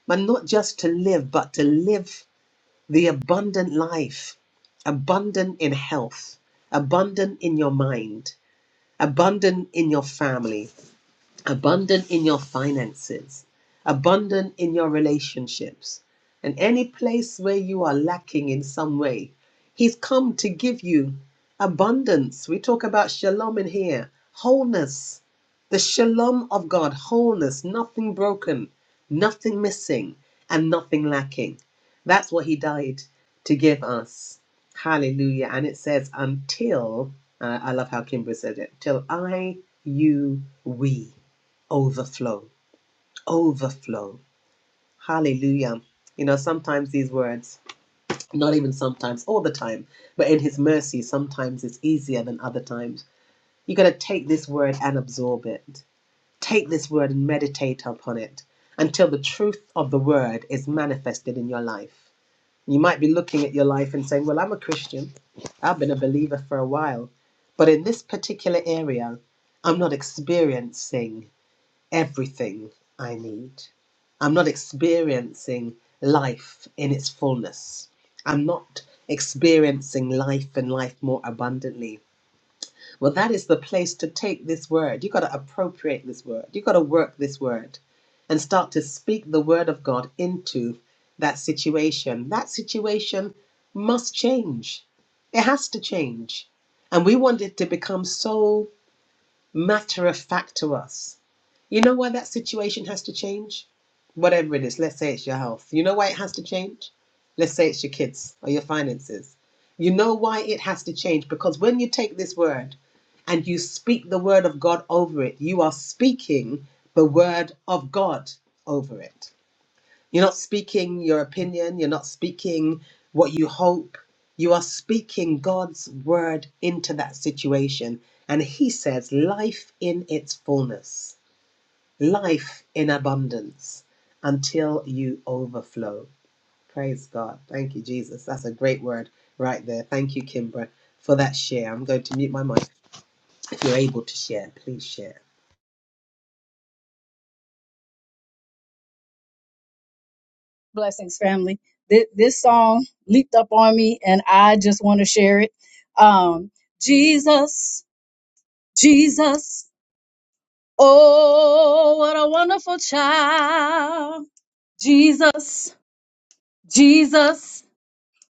A: but not just to live, but to live the abundant life, abundant in health, abundant in your mind, abundant in your family, abundant in your finances, abundant in your relationships, and any place where you are lacking in some way. He's come to give you abundance. We talk about shalom in here, wholeness, the shalom of God, wholeness, nothing broken, nothing missing, and nothing lacking. That's what he died to give us. Hallelujah. And it says, until, uh, I love how Kimbra said it, till I, you, we overflow overflow hallelujah you know sometimes these words not even sometimes all the time but in his mercy sometimes it's easier than other times you got to take this word and absorb it take this word and meditate upon it until the truth of the word is manifested in your life you might be looking at your life and saying well i'm a christian i've been a believer for a while but in this particular area i'm not experiencing everything I need. I'm not experiencing life in its fullness. I'm not experiencing life and life more abundantly. Well, that is the place to take this word. You've got to appropriate this word. You've got to work this word and start to speak the word of God into that situation. That situation must change, it has to change. And we want it to become so matter of fact to us. You know why that situation has to change? Whatever it is, let's say it's your health. You know why it has to change? Let's say it's your kids or your finances. You know why it has to change? Because when you take this word and you speak the word of God over it, you are speaking the word of God over it. You're not speaking your opinion, you're not speaking what you hope. You are speaking God's word into that situation. And He says, life in its fullness, life in abundance until you overflow. Praise God. Thank you, Jesus. That's a great word right there. Thank you, Kimbra, for that share. I'm going to mute my mic. If you're able to share, please share.
E: blessings family Th- this song leaped up on me and i just want to share it um jesus jesus oh what a wonderful child jesus jesus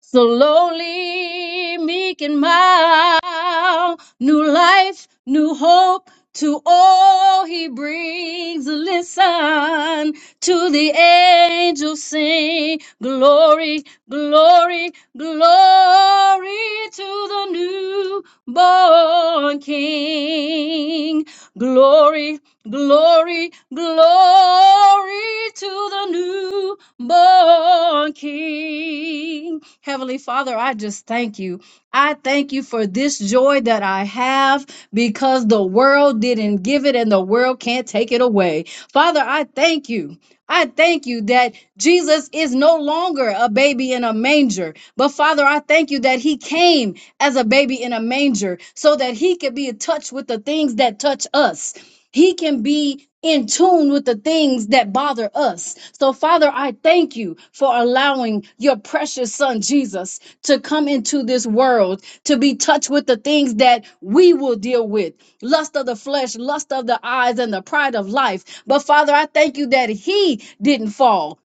E: slowly making mild. New life, new hope to all he brings. Listen to the angels sing. Glory, glory, glory to the newborn king. Glory, glory, glory to the newborn king. Heavenly Father, I just thank you. I thank you for this joy that I have because the world didn't give it and the world can't take it away. Father, I thank you. I thank you that Jesus is no longer a baby in a manger. But Father, I thank you that he came as a baby in a manger so that he could be in touch with the things that touch us. He can be in tune with the things that bother us. So, Father, I thank you for allowing your precious son Jesus to come into this world to be touched with the things that we will deal with lust of the flesh, lust of the eyes, and the pride of life. But, Father, I thank you that he didn't fall.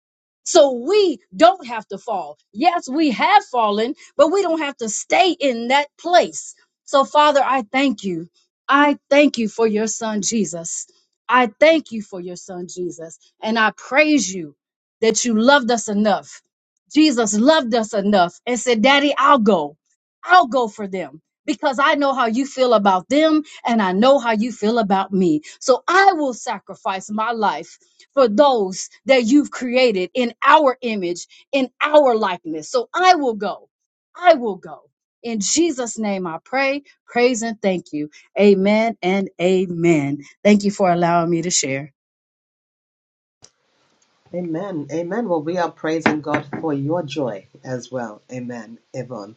E: So we don't have to fall. Yes, we have fallen, but we don't have to stay in that place. So, Father, I thank you. I thank you for your son Jesus. I thank you for your son Jesus. And I praise you that you loved us enough. Jesus loved us enough and said, Daddy, I'll go. I'll go for them because I know how you feel about them and I know how you feel about me. So I will sacrifice my life for those that you've created in our image, in our likeness. So I will go. I will go. In Jesus' name I pray, praise, and thank you. Amen and amen. Thank you for allowing me to share.
A: Amen. Amen. Well, we are praising God for your joy as well. Amen. Yvonne.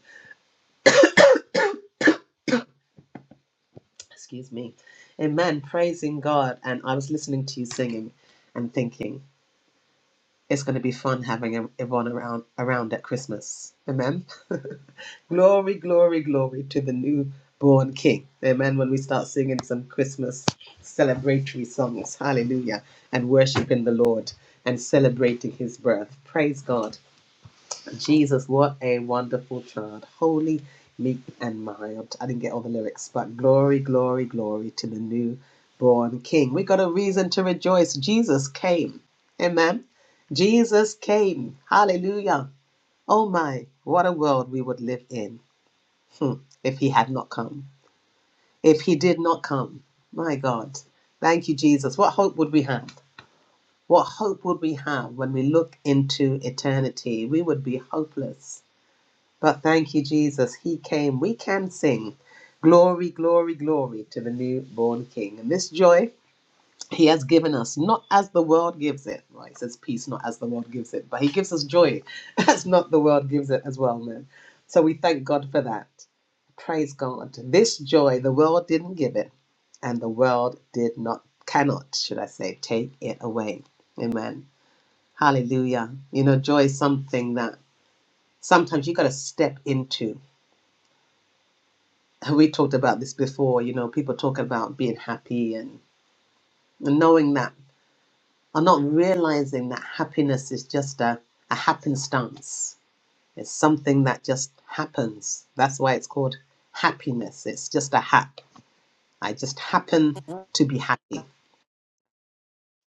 A: excuse me, amen, praising God. And I was listening to you singing and thinking, it's going to be fun having Yv- Yvonne around, around at Christmas. Amen. glory, glory, glory to the newborn King. Amen. When we start singing some Christmas celebratory songs, hallelujah, and worshiping the Lord and celebrating his birth. Praise God. Jesus, what a wonderful child. Holy, meek, and mild. I didn't get all the lyrics, but glory, glory, glory to the newborn King. We got a reason to rejoice. Jesus came. Amen. Jesus came. Hallelujah. Oh my, what a world we would live in hmm, if he had not come. If he did not come. My God. Thank you, Jesus. What hope would we have? What hope would we have when we look into eternity? We would be hopeless but thank you, Jesus. He came. We can sing. Glory, glory, glory to the newborn King. And this joy he has given us, not as the world gives it. Right, it says peace, not as the world gives it. But he gives us joy. That's not the world gives it as well, man. So we thank God for that. Praise God. This joy, the world didn't give it. And the world did not, cannot, should I say, take it away. Amen. Hallelujah. You know, joy is something that sometimes you got to step into. we talked about this before, you know, people talk about being happy and, knowing that are not realizing that happiness is just a, a happenstance. It's something that just happens. That's why it's called happiness. It's just a hap. I just happen
B: mm.
A: to be happy.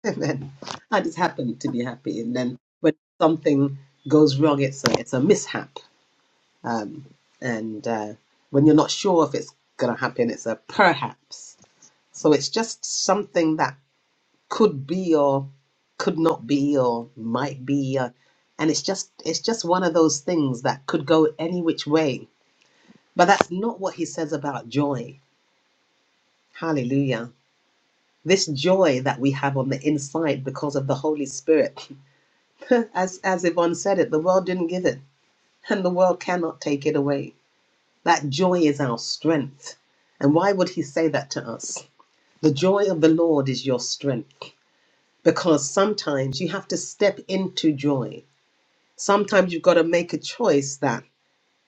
A: And then I just happen to be happy. And then when something goes wrong, it's a, it's a mishap. Um, and uh, when you're not sure if it's going to happen, it's a perhaps So it's just something that could be or could not be or might be uh, and it's just it's just one of those things that could go any which way. But that's not what he says about joy. Hallelujah. This joy that we have on the inside because of the Holy Spirit. as as Yvonne said it, the world didn't give it and the world cannot take it away. That joy is our strength. And why would he say that to us? The joy of the Lord is your strength. because sometimes you have to step into joy. Sometimes you've got to make a choice that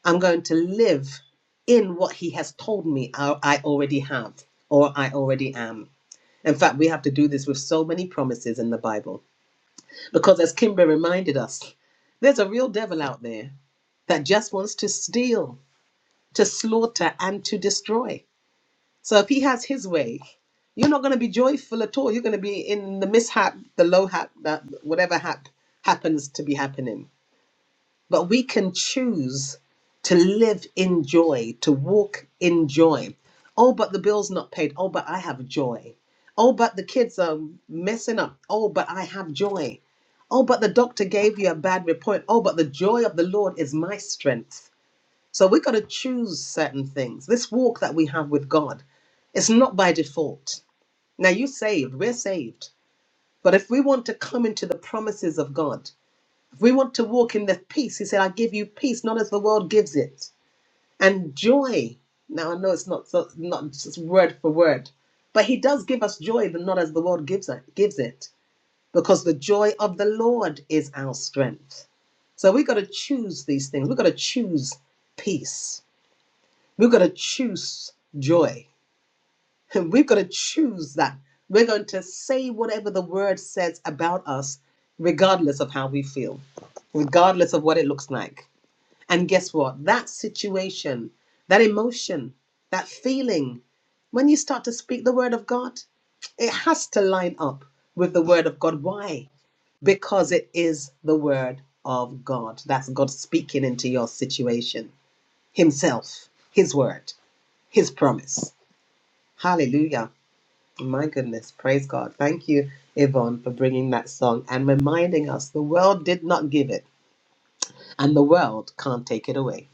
A: I'm going to live in what He has told me I, I already have or I already am. In fact, we have to do this with so many promises in the Bible because, as Kimber reminded us, there's a real devil out there that just wants to steal, to slaughter, and to destroy. So if he has his way, you're not going to be joyful at all. You're going to be in the mishap, the low hap, that whatever hap happens to be happening. But we can choose to live in joy, to walk in joy. Oh, but the bill's not paid. Oh, but I have joy. Oh, but the kids are messing up. Oh, but I have joy. Oh, but the doctor gave you a bad report. Oh, but the joy of the Lord is my strength. So we've got to choose certain things. This walk that we have with God, it's not by default. Now you're saved, we're saved. But if we want to come into the promises of God, if we want to walk in the peace, He said, I give you peace, not as the world gives it, and joy. Now I know it's not so, not just word for word, but He does give us joy, but not as the world gives it, gives it, because the joy of the Lord is our strength. So we've got to choose these things. We've got to choose peace we have got to choose joy. we have got to choose that. We're going to say whatever the word says about us, regardless of how we feel, regardless of what it looks like. And guess what? That situation, that emotion, that feeling, when you start to speak the word of God, it has to line up with the word of God. Why? because it is the word of God. That's God speaking into your situation, Himself, His word his promise. Hallelujah. My goodness. Praise God. Thank you, Yvonne, for bringing that song and reminding us the world did not give it and the world can't take it away.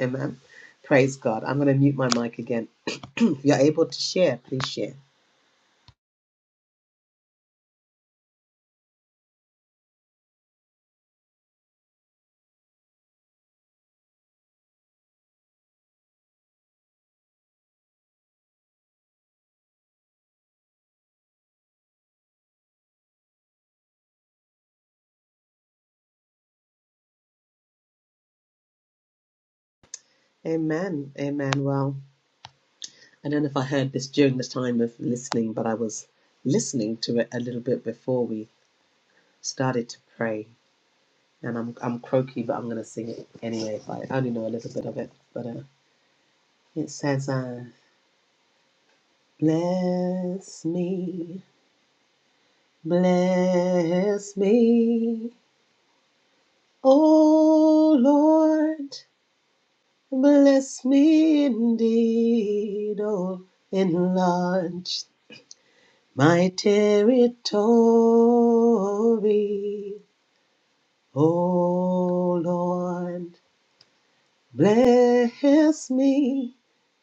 A: Amen. Praise God. I'm going to mute my mic again. if you're able to share, please share. Amen. Amen. Well, I don't know if I heard this during the time of listening, but I was listening to it a little bit before we started to pray. And I'm, I'm croaky, but I'm going to sing it anyway. If I only know a little bit of it, but. uh, It says, uh, Bless me, bless me, O Lord, bless me indeed, O enlarge my territory, O Lord, bless me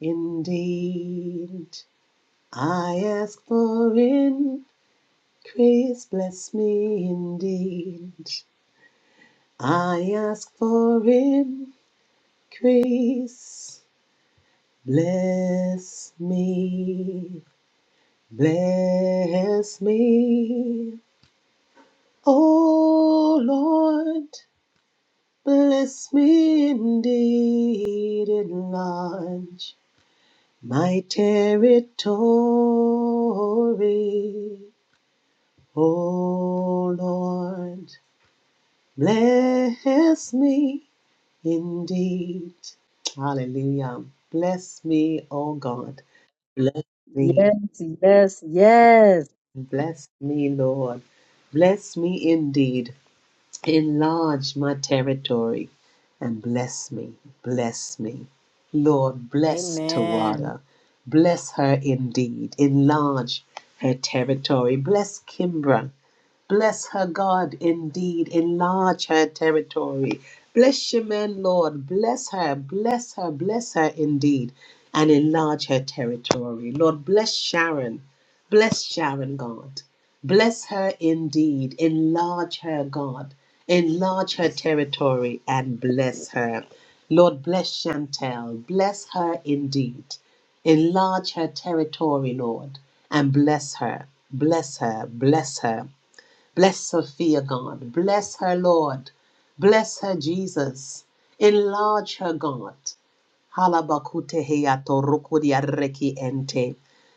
A: indeed. I ask for in. Grace bless me indeed. I ask for him. Grace bless me. Bless me. Oh Lord, bless me indeed. Enlarge my territory. Oh Lord, bless me Indeed. Hallelujah. Bless me, O God. Bless me. Bless me, Lord. Bless me indeed. Enlarge my territory and bless me. Bless me. Lord, bless
B: Amen.
A: Tawada. Bless her indeed. Enlarge her territory. Bless Kimbra. Bless her, God, indeed. Enlarge her territory. Bless your men, Lord. Bless her, bless her, bless her indeed. And enlarge her territory. Lord, bless Sharon. Bless Sharon, God. Bless her indeed. Enlarge her, God. Enlarge her territory and bless her. Lord, bless Chantel. Bless her indeed. Enlarge her territory, Lord, and bless her. Bless her. Bless her. Bless Sophia, God. Bless her, Lord. Bless her, Jesus. Enlarge her, God. Halabakuteheatorukuriarekiente.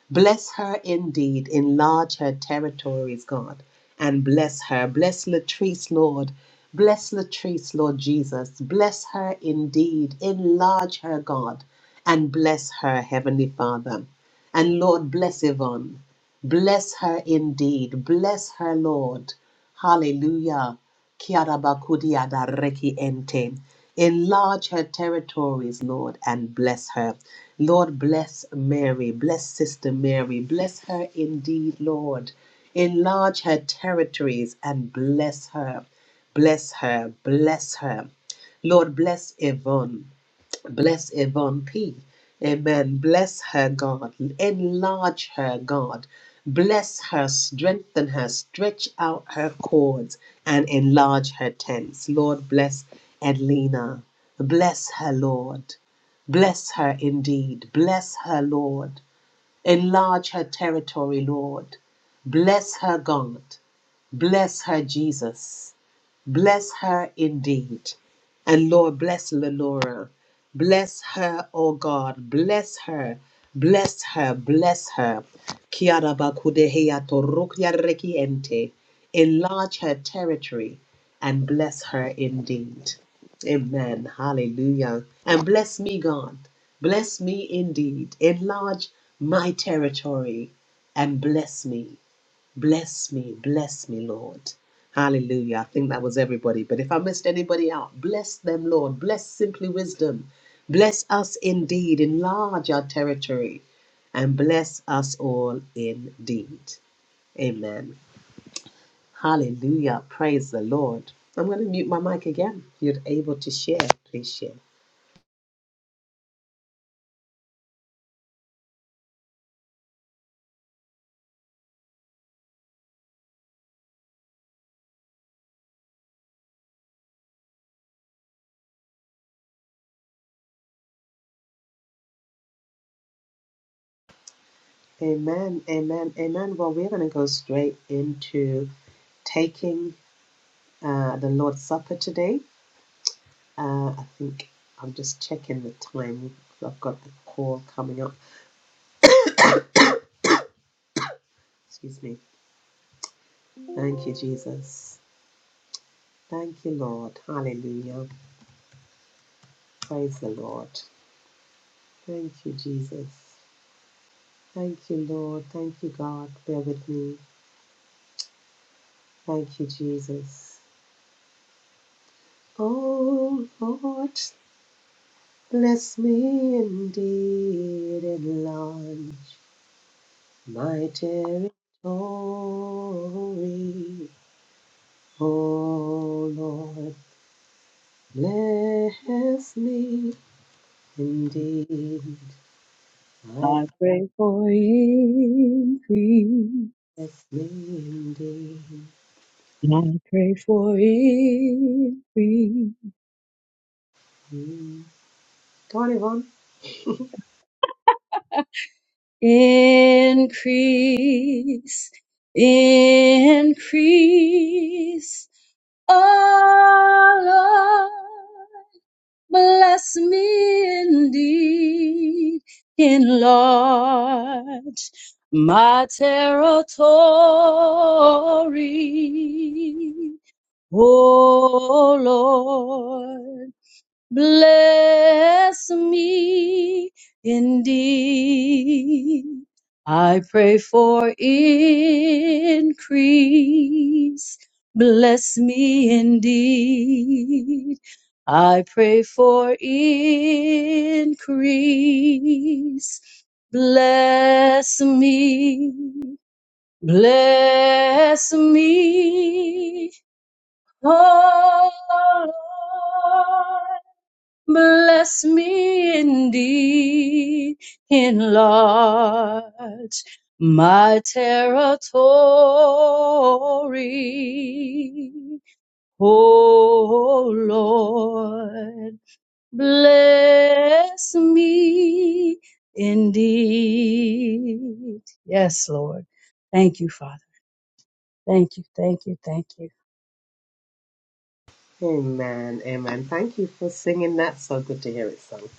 A: Bless her indeed. Enlarge her territories, God. And bless her. Bless Latrice, Lord. Bless Latrice, Lord Jesus. Bless her indeed. Enlarge her, God. And bless her, Heavenly Father. And Lord, bless Yvonne. Bless her indeed. Bless her, Lord. Hallelujah. Kiarabakudiada reki ente. Enlarge her territories, Lord, and bless her. Lord, bless Mary. Bless Sister Mary. Bless her indeed, Lord. Enlarge her territories and bless her. Bless her. Bless her. Lord, bless Yvonne. Bless Yvonne P. Amen. Bless her, God. Enlarge her, God. Bless her, strengthen her, stretch out her cords, and enlarge her tents. Lord, bless Edlina. Bless her, Lord. Bless her indeed. Bless her, Lord. Enlarge her territory, Lord. Bless her, God. Bless her, Jesus. Bless her indeed. And Lord, bless Lenora. Bless her, oh God. Bless her. Bless her. Bless her. Kiara bakudehea torukya rekiente. Enlarge her territory and bless her indeed. Amen. Hallelujah. And bless me, God. Bless me indeed. Enlarge my territory and bless me. Bless me. Bless me, Lord. Hallelujah. I think that was everybody. But if I missed anybody out, bless them, Lord. Bless Simply Wisdom. Bless us indeed. Enlarge our territory and bless us all indeed. Amen. Hallelujah. Praise the Lord. I'm going to mute my mic again. If you're able to share, please share. Amen, amen, amen. Well, we're going to go straight into taking uh, the Lord's Supper today. Uh, I think I'm just checking the time. 'cause I've got the call coming up. Excuse me. Thank you, Jesus. Thank you, Lord. Hallelujah. Praise the Lord. Thank you, Jesus. Thank you, Lord. Thank you, God. Bear with me. Thank you, Jesus. Oh, Lord, bless me indeed and large. my territory. Oh Lord, bless me indeed. I
E: I pray for increase.
A: bless me indeed.
E: I pray for increase.
A: Mm. Go on, Yvonne.
E: Increase. Increase. Oh Lord. Bless me indeed, enlarge my territory, O Lord bless me indeed. I pray for increase. Bless me indeed. I pray for increase. Bless me. Bless me. Oh, Lord. Bless me indeed, enlarge my territory. O Lord, bless me indeed. Yes, Lord. Thank you, Father. Thank you, thank you, thank you.
A: Amen, amen. Thank you for singing that. So good to hear it sung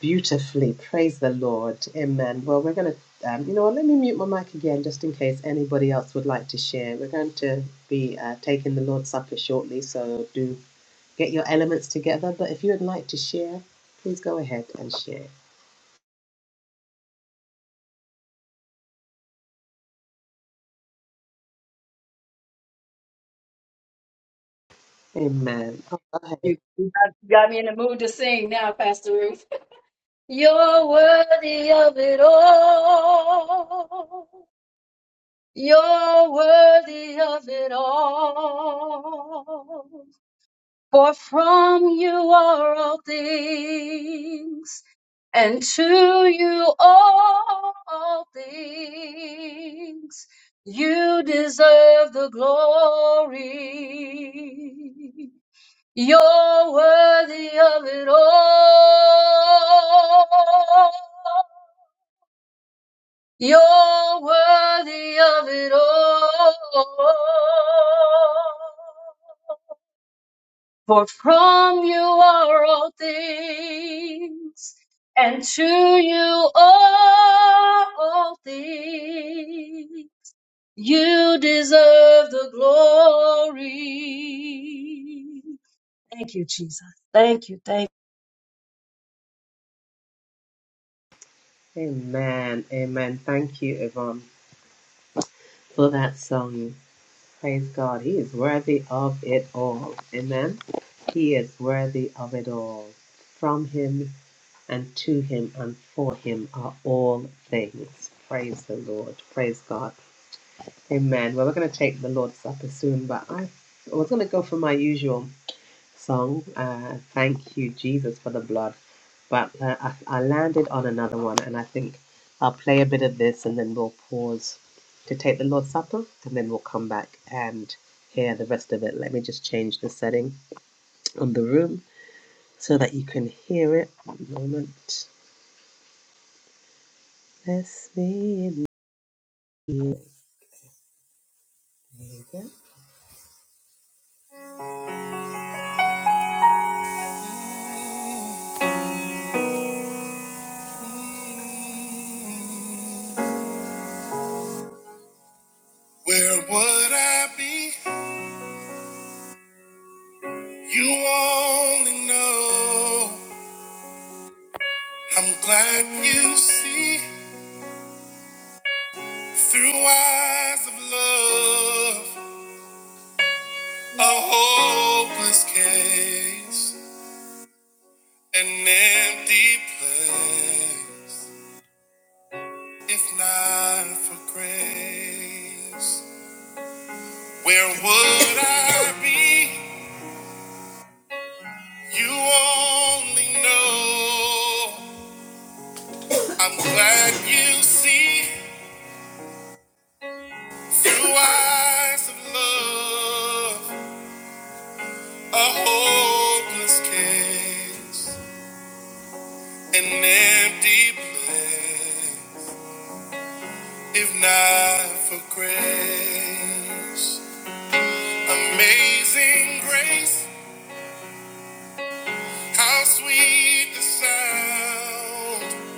A: beautifully. Praise the Lord. Amen. Well, we're going to, um, you know what, let me mute my mic again just in case anybody else would like to share. We're going to be uh, taking the Lord's Supper shortly, so do get your elements together. But if you would like to share, please go ahead and share. Amen. Oh, go
E: You you got you got me in the mood to sing now, Pastor Ruth. You're worthy of it all. You're worthy of it all. For from you are all things, and to you all things. You deserve the glory. You're worthy of it all. You're worthy of it all. For from you are all things, and to you are all things. You deserve the glory. Thank you, Jesus. Thank you. Thank
A: Amen. Amen. Thank you, Yvonne, for that song. Praise God. He is worthy of it all. Amen. He is worthy of it all. From him and to him and for him are all things. Praise the Lord. Praise God. Amen. Well, we're going to take the Lord's Supper soon, but I I was going to go for my usual song. Uh, Thank you, Jesus, for the blood. But uh, I, I landed on another one, and I think I'll play a bit of this and then we'll pause to take the Lord's Supper, and then we'll come back and hear the rest of it. Let me just change the setting on the room so that you can hear it. One moment. Bless me in you. There you go. Where would I be? You only know. I'm glad you see through eyes of love a hopeless case, an empty place. If not for grace, where would I be? You only know. I'm glad you see through eyes of love a hopeless case. an empty place if not for grace amazing grace how sweet the sound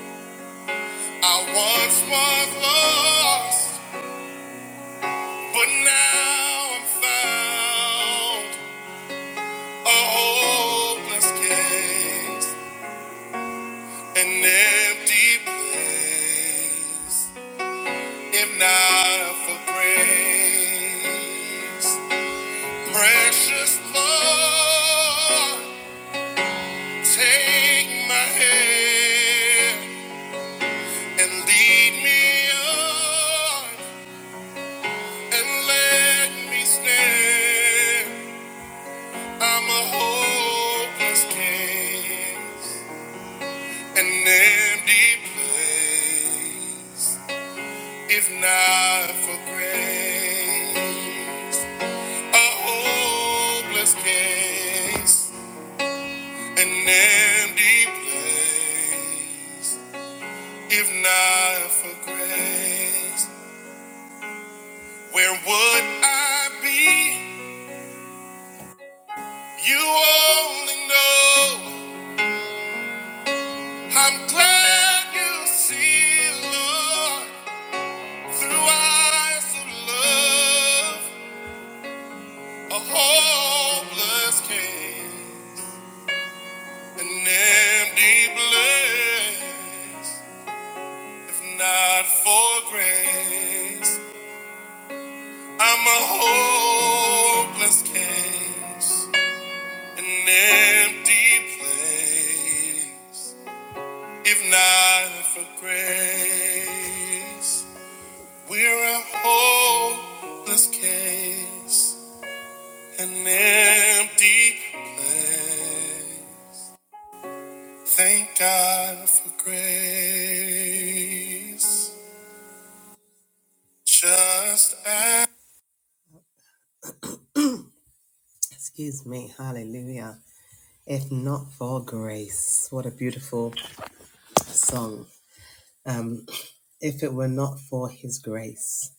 A: i once was lost but now i'm found a hopeless case an empty place if not for grace Precious Lord, take my hand and lead me on and let me stand. I'm a hopeless case, an empty place. If not for grace, a hopeless case. an empty place if not for grace where would i be you only know i'm glad you see lord through eyes of love a hopeless case an empty place if not for grace I'm a hopeless case, an empty place. If not for grace, we're a hopeless case, an empty place. Thank God for grace. Just as. Excuse me, hallelujah. If not for grace, what a beautiful. song. Um, if it were not for His grace,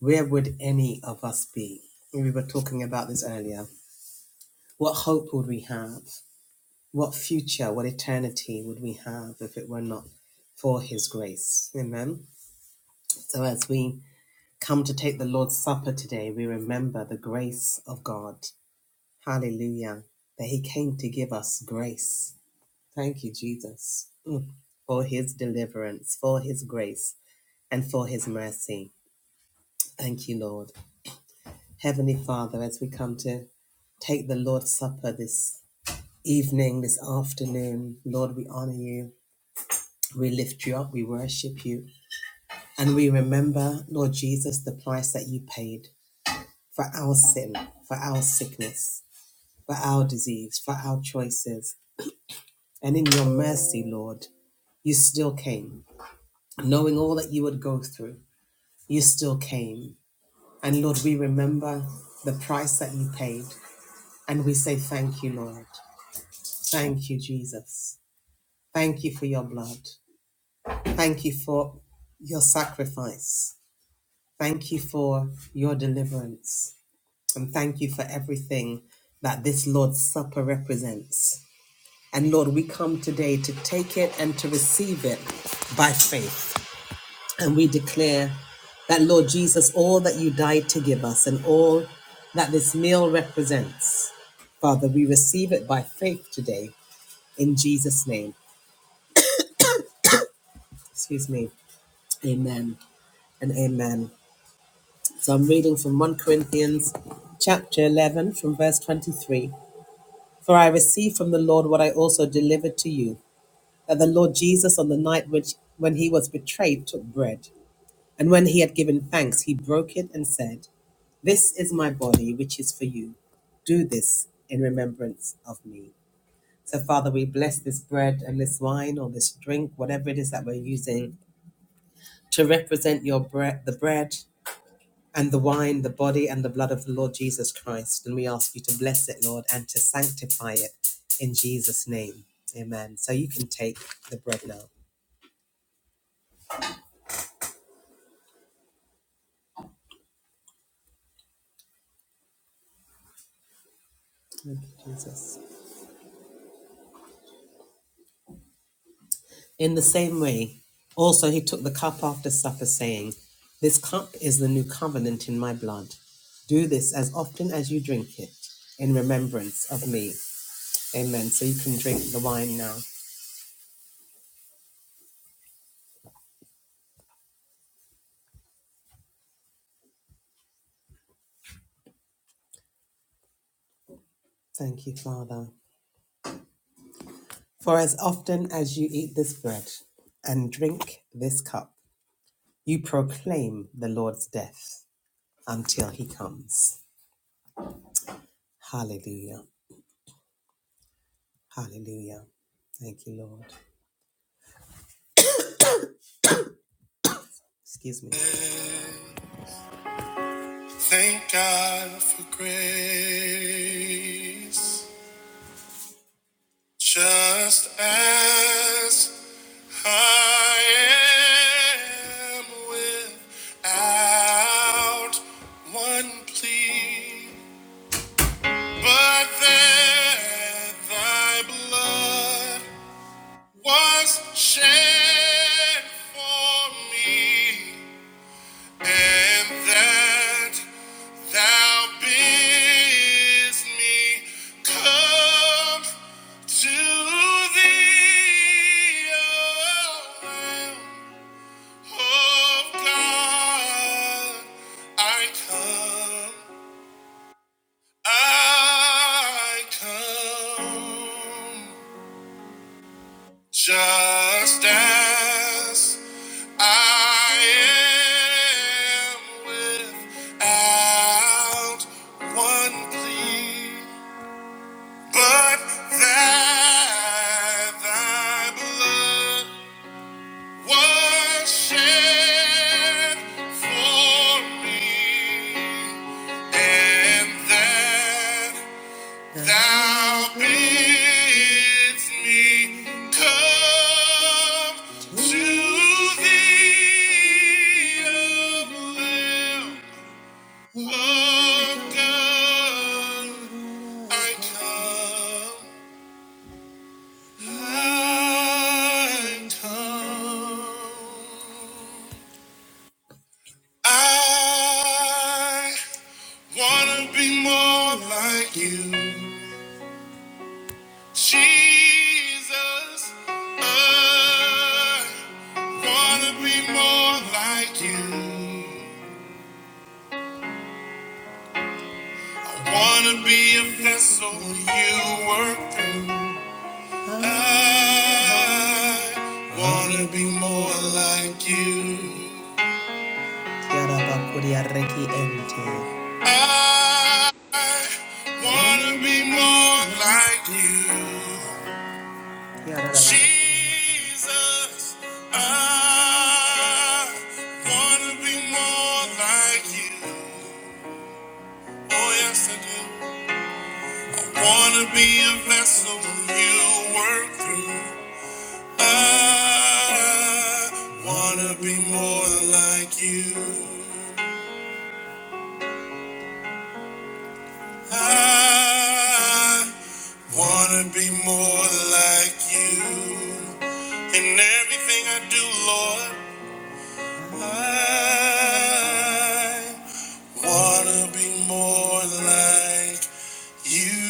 A: where would any of us be? We were talking about this earlier. What hope would we have? What future, what eternity would we have if it were not for His grace? Amen. So as we come to take the Lord's Supper today, we remember the grace of God. Hallelujah. That He came to give us grace. Thank you, Jesus, Mm. for His deliverance, for His grace, and for His mercy. Thank you, Lord. Heavenly Father, as we come to take the Lord's Supper this evening, this afternoon, Lord, we honor you. We lift you up. We worship you. And we remember, Lord Jesus, the price that you paid for our sin, for our sickness, for our disease, for our choices. And in your mercy, Lord, you still came. Knowing all that you would go through, you still came. And Lord, we remember the price that you paid. And we say, Thank you, Lord. Thank you, Jesus. Thank you for your blood. Thank you for your sacrifice. Thank you for your deliverance. And thank you for everything that this Lord's Supper represents. And Lord, we come today to take it and to receive it by faith. And we declare that, Lord Jesus, all that you died to give us and all that this meal represents, Father, we receive it by faith today in Jesus' name. Excuse me. Amen and amen. So I'm reading from 1 Corinthians chapter 11 from verse 23. For I received from the Lord what I also delivered to you, that the Lord Jesus on the night which when he was betrayed took bread, and when he had given thanks he broke it and said, "This is my body which is for you. Do this in remembrance of me." So Father, we bless this bread and this wine or this drink, whatever it is that we're using to represent your bread, the bread and the wine, the body, and the blood of the Lord Jesus Christ. And we ask you to bless it, Lord, and to sanctify it in Jesus' name. Amen. So you can take the bread now. Thank you, Jesus. In the same way, also he took the cup after supper, saying, This cup is the new covenant in my blood. Do this as often as you drink it in remembrance of me. Amen. So you can drink the wine now. Thank you, Father. For as often as you eat this bread and drink this cup, You proclaim the Lord's death until he comes. Hallelujah. Hallelujah. Thank you, Lord. Excuse me. Thank God for grace. Just as I am without one plea, but that thy blood was shed for me, and that thou bidst me come to thee, O Lamb of God. I come, I come. Just as I am without one plea, but that thy blood was shed for me, and that Thou bids me come to thee, O Lamb of God. I come, I come. I wanna be more like you. Jesus, I wanna be more like you. I wanna be a vessel you work through. I wanna be more like you. I wanna be more like you. Jesus, I wanna be more like you. Oh yes, I do. Wanna be a vessel you work through. I wanna be more like you. I wanna be more like you. In everything I do, Lord. I wanna be more like you.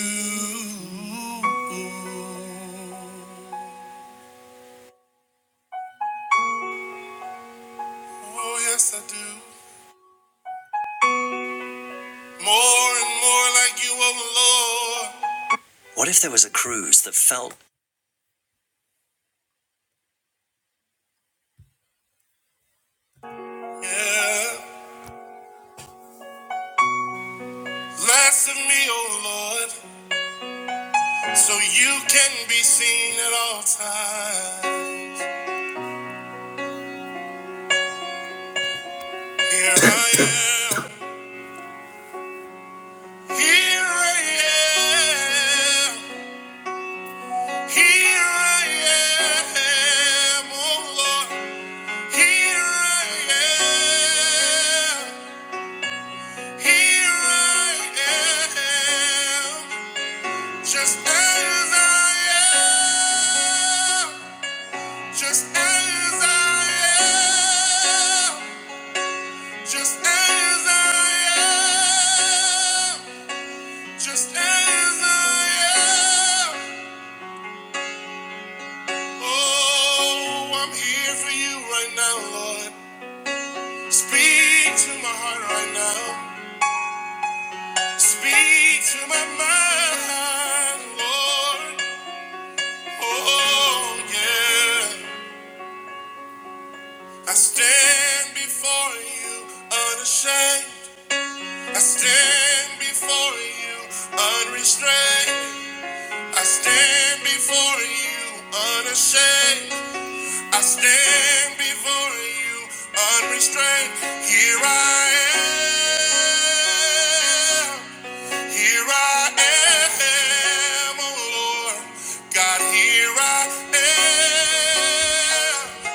A: Oh, yes, I do. More and more like you, oh Lord. What if there was a cruise that felt. Yeah, less of me, oh Lord, so you can be seen at all times. Here I am. Here I am. Here I am, oh Lord. Here I am. Here I am. Just as I am. Just as I am. Just as I am. Just as I am. Oh, I'm here for you right now, Lord. Speak to my heart right now. Speak to my mind, Lord. Oh, yeah. I stand before you unashamed. I stand before you unrestrained. I stand before you unashamed. I stand before you unrestrained. Here I am. Here I am, oh Lord. God, here I am.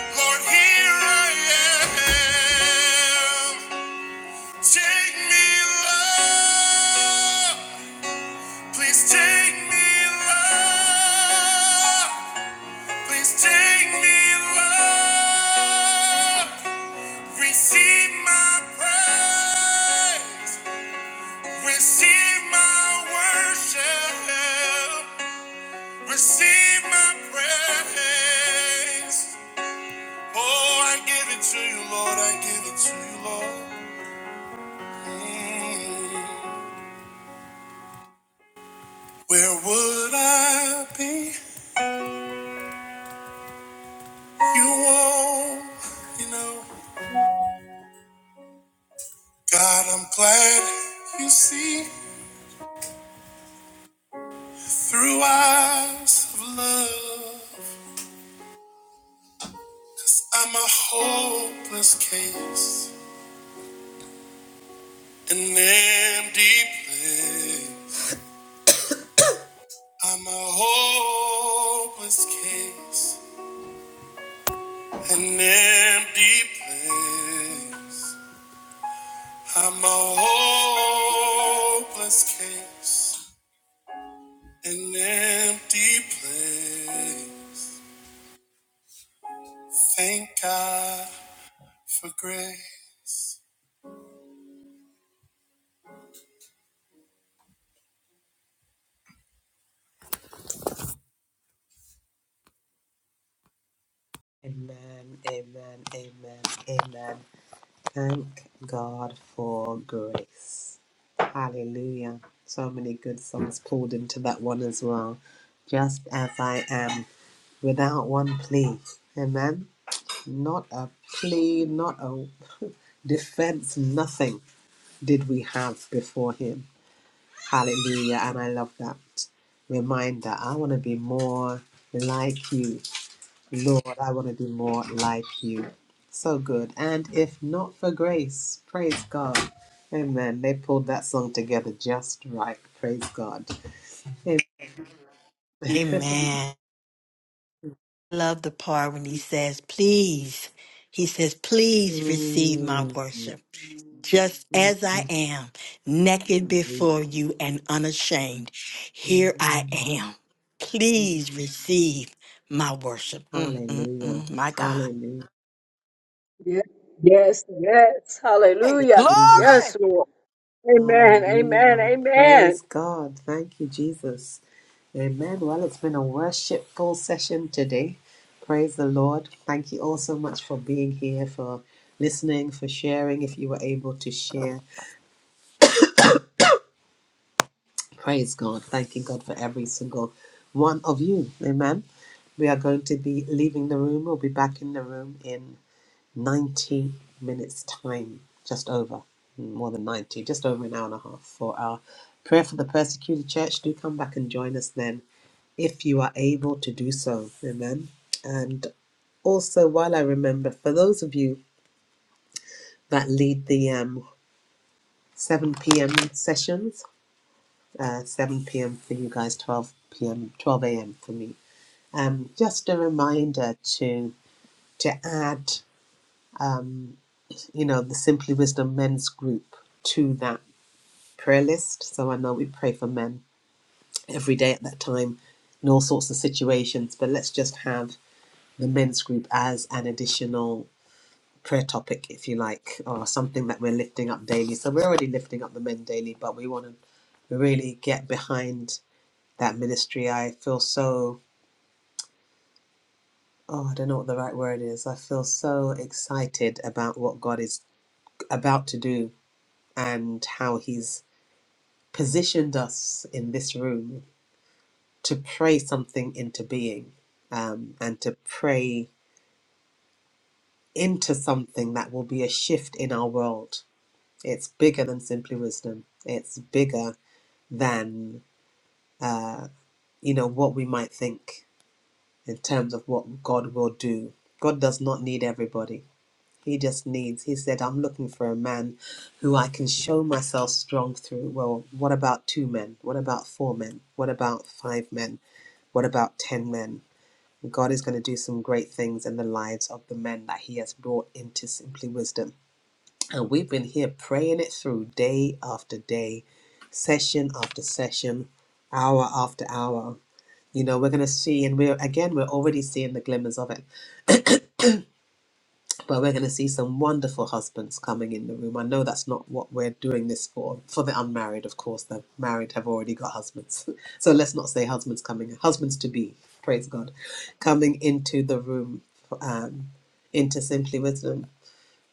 A: Lord, here I am. Take me, Lord. Please take me, Lord. Please take me, Lord. Receive my praise. Receive my worship. Receive my praise. Oh, I give it to you, Lord. I give it to you, Lord. Mm. Where would I be? You won't, you know. God, I'm glad you see through eyes of love. I'm a hopeless case, an empty place. I'm a hopeless case. An empty place. I'm a hopeless case. An empty place. Thank God for grace. Amen, amen, amen, amen. Thank God for grace. Hallelujah. So many good songs pulled into that one as well. Just as I am, without one plea. Amen. Not a plea, not a defense, nothing did we have before him. Hallelujah. And I love that reminder. I want to be more like you. Lord, I want to be more like you. So good. And if not for grace, praise God. Amen. They pulled that song together just right. Praise God. Amen.
B: Amen. Love the part when he says, please. He says, please receive my
A: Mm.
B: worship just as I
A: Mm.
B: am, naked before you and unashamed. Here I
A: Mm.
B: am.
A: Mm.
B: Please receive my worship. Mm, mm,
A: Hallelujah.
B: mm. My God.
A: Hallelujah.
E: Yes, yes, yes.
B: Hey,
E: Hallelujah.
A: Hallelujah.
B: glory!
E: Yes, Lord. Amen, amen,
A: Hallelujah.
E: amen.
A: Praise God. Thank you, Jesus. Amen. Well, it's been a worshipful session today. Praise the Lord. Thank you all so much for being here, for listening, for sharing, if you were able to share. Praise God. Thanking God for every single one of you. Amen. We are going to be leaving the room. We'll be back in the room in. 90 minutes time, just over, more than 90, just over an hour and a half for our prayer for the persecuted church. Do come back and join us then if you are able to do so. Amen. And also, while I remember, for those of you that lead the um, 7 p.m. sessions, uh, 7 p.m. for you guys, 12 p.m., 12 a.m. for me. Um, just a reminder to to add, you know, the Simply Wisdom Men's Group to that prayer list. So I know we pray for men every day at that time in all sorts of situations, but let's just have the men's group as an additional prayer topic, if you like, or something that we're lifting up daily. So we're already lifting up the men daily, but we want to really get behind that ministry. I feel so. Oh, I don't know what the right word is. I feel so excited about what God is about to do and how He's positioned us in this room to pray something into being um, and to pray into something that will be a shift in our world. It's bigger than simply wisdom. It's bigger than uh, you know what we might think in terms of what God will do. God does not need everybody. He just needs. He said, "I'm looking for a man who I can show myself strong through." Well, what about two men? What about four men? What about five men? What about ten men? God is going to do some great things in the lives of the men that He has brought into Simply Wisdom. And we've been here praying it through day after day, session after session, hour after hour. You know, we're going to see, and we're again, we're already seeing the glimmers of it but we're going to see some wonderful husbands coming in the room. I know that's not what we're doing this for. For the unmarried, of course, the married have already got husbands. so let's not say husbands coming, husbands to be, praise God, coming into the room, um, into Simply Wisdom.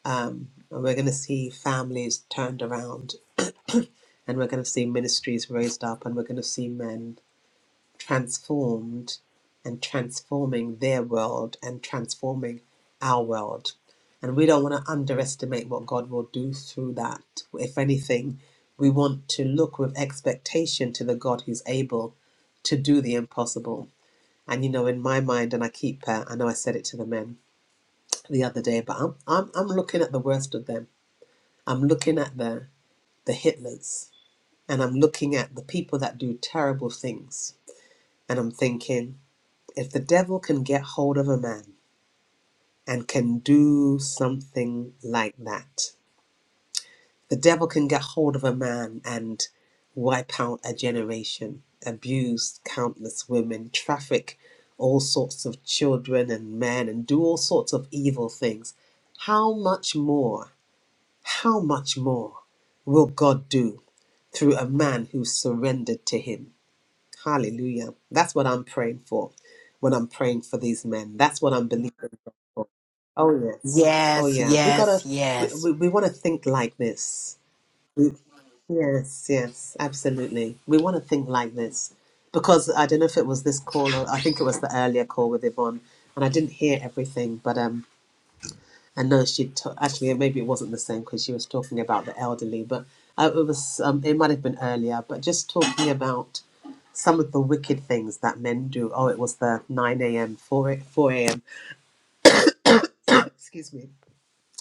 A: Um, and we're going to see families turned around, and we're going to see ministries raised up, and we're going to see men transformed and transforming their world and transforming our world. And we don't want to underestimate what God will do through that. If anything, we want to look with expectation to the God who's able to do the impossible. And you know, in my mind, and I keep, uh, I know I said it to the men the other day, but I'm, I'm, I'm looking at the worst of them. I'm looking at the, the Hitlers and I'm looking at the people that do terrible things. And I'm thinking, if the devil can get hold of a man and can do something like that, the devil can get hold of a man and wipe out a generation, abuse countless women, traffic all sorts of children and men, and do all sorts of evil things. How much more, how much more will God do through a man who surrendered to Him? Hallelujah. That's what I'm praying for when I'm praying for these men. That's what I'm believing. for. Oh yes. Oh
B: Yes,
A: yeah. We gotta.
B: yes,
A: We
B: yes.
A: we, we want to think like this. We, yes. Yes. Absolutely. We want to think like this because I don't know if it was this call or I think it was the earlier call with Yvonne, and I didn't hear everything, but um, I know she t- actually maybe it wasn't the same because she was talking about the elderly, but uh, it was um, it might have been earlier, but just talking about some of the wicked things that men do. Oh, it was the 9 a.m., 4, a- 4 a.m., excuse me,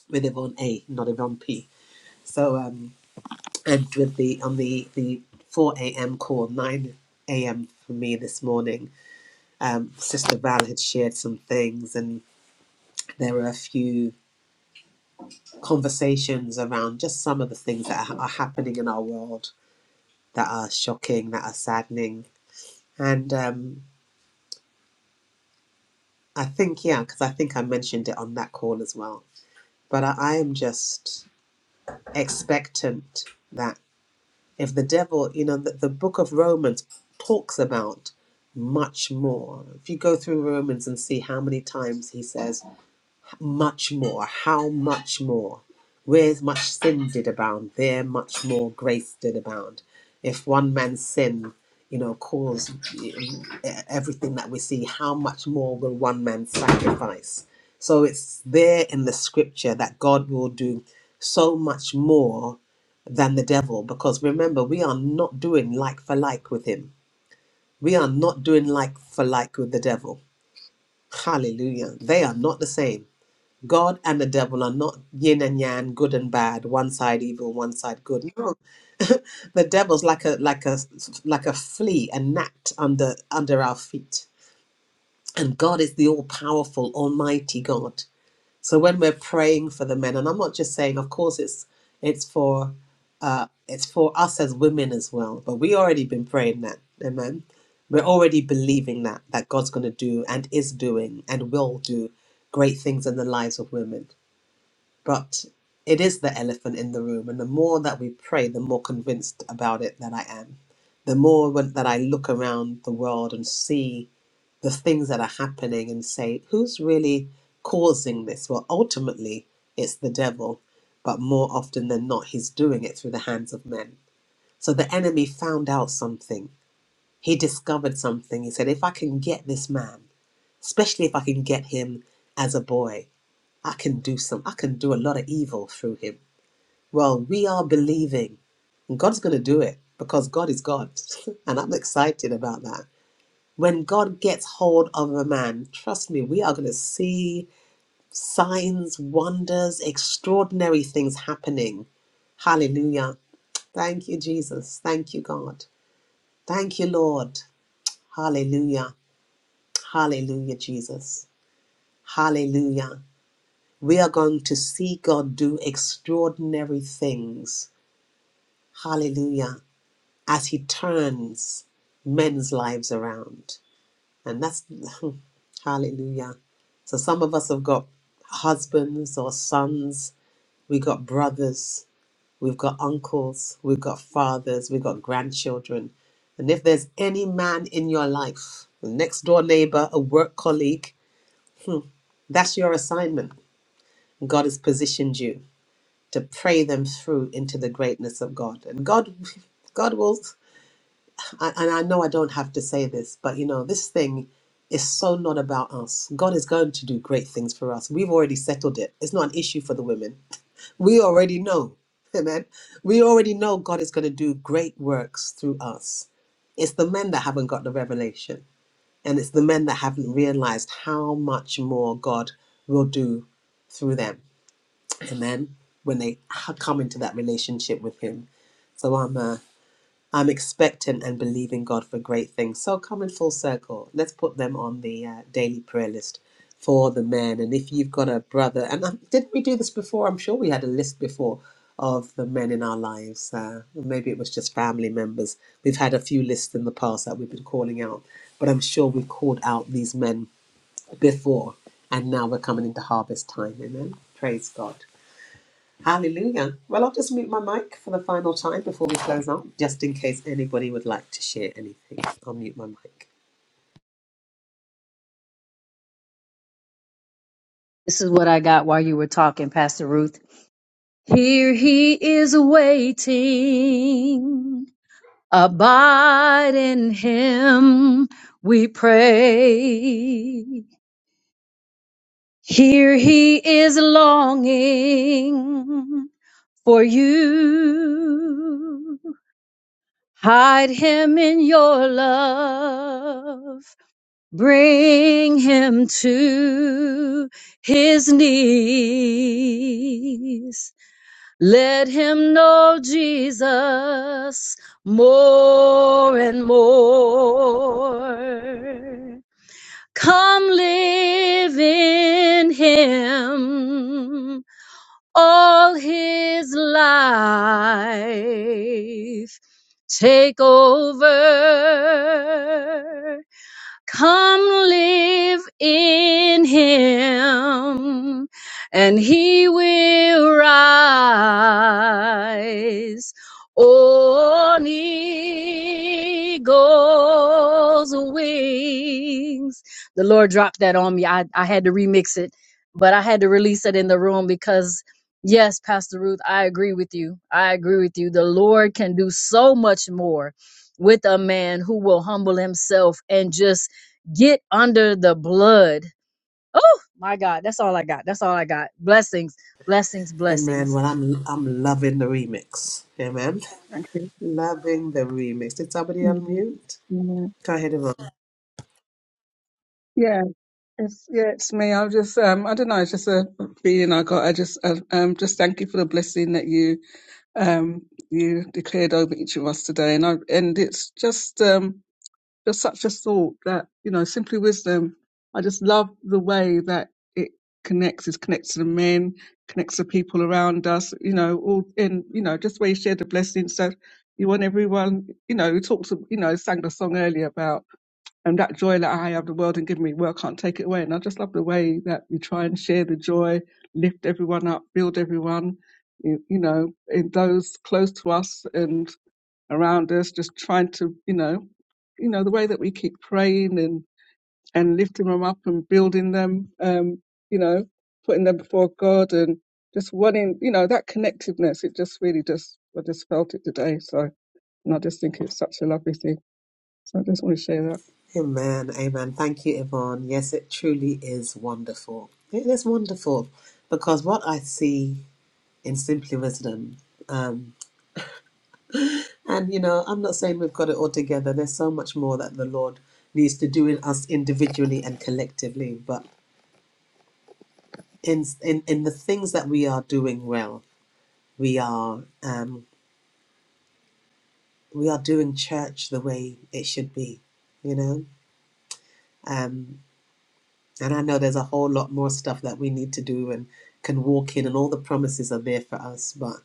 A: with Yvonne A, not Yvonne P. So um, and with the on the the four a.m. call, nine a.m. for me this morning, um, Sister Val had shared some things, and there were a few conversations around just some of the things that are happening in our world that are shocking, that are saddening, and um, I think yeah, because I think I mentioned it on that call as well. But I, I am just expectant that. if the devil, you know, the, the book of Romans talks about much more. If you go through Romans and see how many times he says, much more. How much more? Where much sin did abound, there much more grace did abound. If one man's sin, you know, caused eh, everything that we see, how much more will one man's sacrifice? So it's there in the scripture that God will do so much more than the devil because remember, we are not doing like for like with him. We are not doing like for like with the devil. Hallelujah. They are not the same God and the devil are not yin and yang, good and bad, one side evil, one side good. No, the devil's like a like a like a flea, a gnat under under our feet, and God is the all powerful, almighty God. So when we're praying for the men, and I'm not just saying, of course, it's it's for uh, it's for us as women as well, but we already been praying that, amen. We're already believing that that God's going to do and is doing and will do great things in the lives of women but it is the elephant in the room. And the more that we pray, the more convinced about it that I am. The more when- that I look around the world and see the things that are happening and say, who's really causing this? Well, ultimately, it's the devil, but more often than not, he's doing it through the hands of men. So the enemy found out something. He discovered something. He said, if I can get this man, especially if I can get him as a boy, I can do some I can do a lot of evil through him well, we are believing. And God's going to do it because God is God. and I'm excited about that. When God gets hold of a man, trust me, we are going to see signs, wonders, extraordinary things happening. Hallelujah. Thank you, Jesus. Thank you, God. Thank you, Lord. Hallelujah. Hallelujah, Jesus. Hallelujah. We are going to see God do extraordinary things. Hallelujah. as he turns men's lives around. And that's hallelujah. So some of us have got husbands or sons, we got brothers, we've got uncles, we've got fathers, we've got grandchildren. And if there's any man in your life, a next door neighbor, a work colleague, hmm, that's your assignment. God has positioned you to pray them through into the greatness of God. And God God will I, and I know I don't have to say this, but you know, this thing is so not about us. God is going to do great things for us. We've already settled it. It's not an issue for the women. We already know. Amen. We already know God is going to do great works through us. It's the men that haven't got the revelation, and it's the men that haven't realized how much more God will do through them. Amen. When they ha- come into that relationship with Him. So I'm uh, I'm expectant and believing God for great things. So come in full circle. Let's put them on the uh, daily prayer list for the men. And if you've got a brother, and um, did we do this before? I'm sure we had a list before of the men in our lives. Uh, maybe it was just family members. We've had a few lists in the past that we've been calling out, but I'm sure we've called out these men before. And now we're coming into harvest time. Amen. Praise God. Hallelujah. Well, I'll just mute my mic for the final time before we close out, just in case anybody would like to share anything. I'll mute my mic.
E: This is what I got while you were talking, Pastor Ruth. Here he is waiting. Abide in him, we pray. Here he is longing for you. Hide him in your love. Bring him to his knees. Let him know Jesus more and more. Come live in him all his life. Take over Come live in him, and he will rise on eagle's wings. The Lord dropped that on me. I, I had to remix it, but I had to release it in the room because, yes, Pastor Ruth, I agree with you. I agree with you. The Lord can do so much more with a man who will humble himself and just Get under the blood. Oh my God. That's all I got. That's all I got. Blessings, blessings,
A: Amen.
E: blessings.
A: Well, I'm I'm loving the remix. Amen.
F: Thank you.
A: Loving the remix. Did somebody
F: Mm,
A: unmute?
F: mm.
A: Go ahead, Yvonne.
F: Yeah, it's yeah, it's me. I was just um, I don't know, it's just a feeling I got. I just uh, um, just thank you for the blessing that you um you declared over each of us today, and I and it's just um just such a thought that you know simply wisdom. I just love the way that it connects. It connects to the men, connects to people around us. You know, all and you know just where you share the blessing. So you want everyone. You know, we talked. to- You know, sang the song earlier about. and that joy that I have, the world and give me, world can't take it away. And I just love the way that we try and share the joy, lift everyone up, build everyone, you, you know, in those close to us and around us, just trying to, you know, you know, the way that we keep praying and, and lifting them up and building them, um, you know, putting them before God and just wanting, you know, that connectiveness. It just really just, I just felt it today. So, and I just think it's such a lovely thing. So I just want to share that.
A: Amen. Amen. Thank you, Yvonne. Yes, it truly is wonderful. It is wonderful because what I see in Simply Wisdom. um, And, you know, I'm not saying we've got it all together. There's so much more that the Lord needs to do in us individually and collectively. But in, in, in the things that we are doing well, we are, um, we are doing church the way it should be, you know? Um, and I know there's a whole lot more stuff that we need to do and can walk in, and all the promises are there for us. But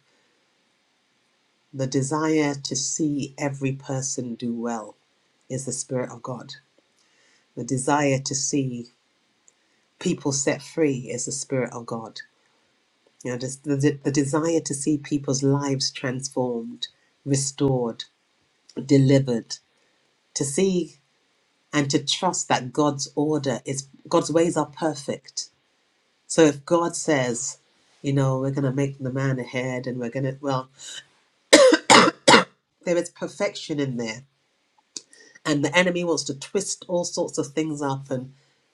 A: the desire to see every person do well is the Spirit of God. The desire to see people set free is the spirit of God. You know, just the, the, the desire to see people's lives transformed, restored, delivered, to see and to trust that God's order is God's ways are perfect. So if God says, you know, we're going to make the man ahead and we're going to, well, there is perfection in there. And the enemy wants to twist all sorts of things up and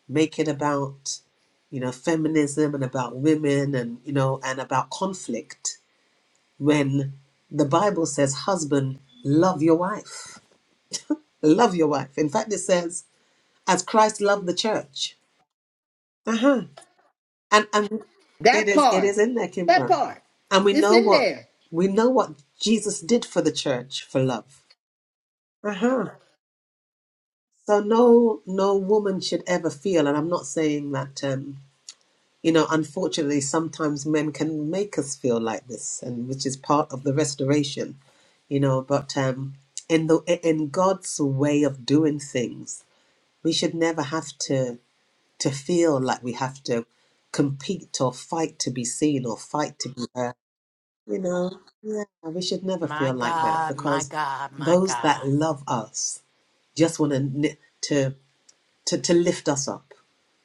A: make it about, you know, feminism and about women and, you know, and about conflict when the Bible says, Husband, love your wife. Love your wife. In fact, it says, as Christ loved the church. Uh-huh. And and it is it is in there, Kimbra. And we know what we know what Jesus did for the church for love. Uh-huh. So no no woman should ever feel, and I'm not saying that um you know, unfortunately, sometimes men can make us feel like this, and which is part of the restoration, you know. But um, in the in God's way of doing things, we should never have to to feel like we have to compete or fight to be seen or fight to be heard. You know, yeah, we should never
B: My
A: feel like that
B: God, my
A: because
B: God, my
A: those that
B: God.
A: love us just want to to, to lift us up,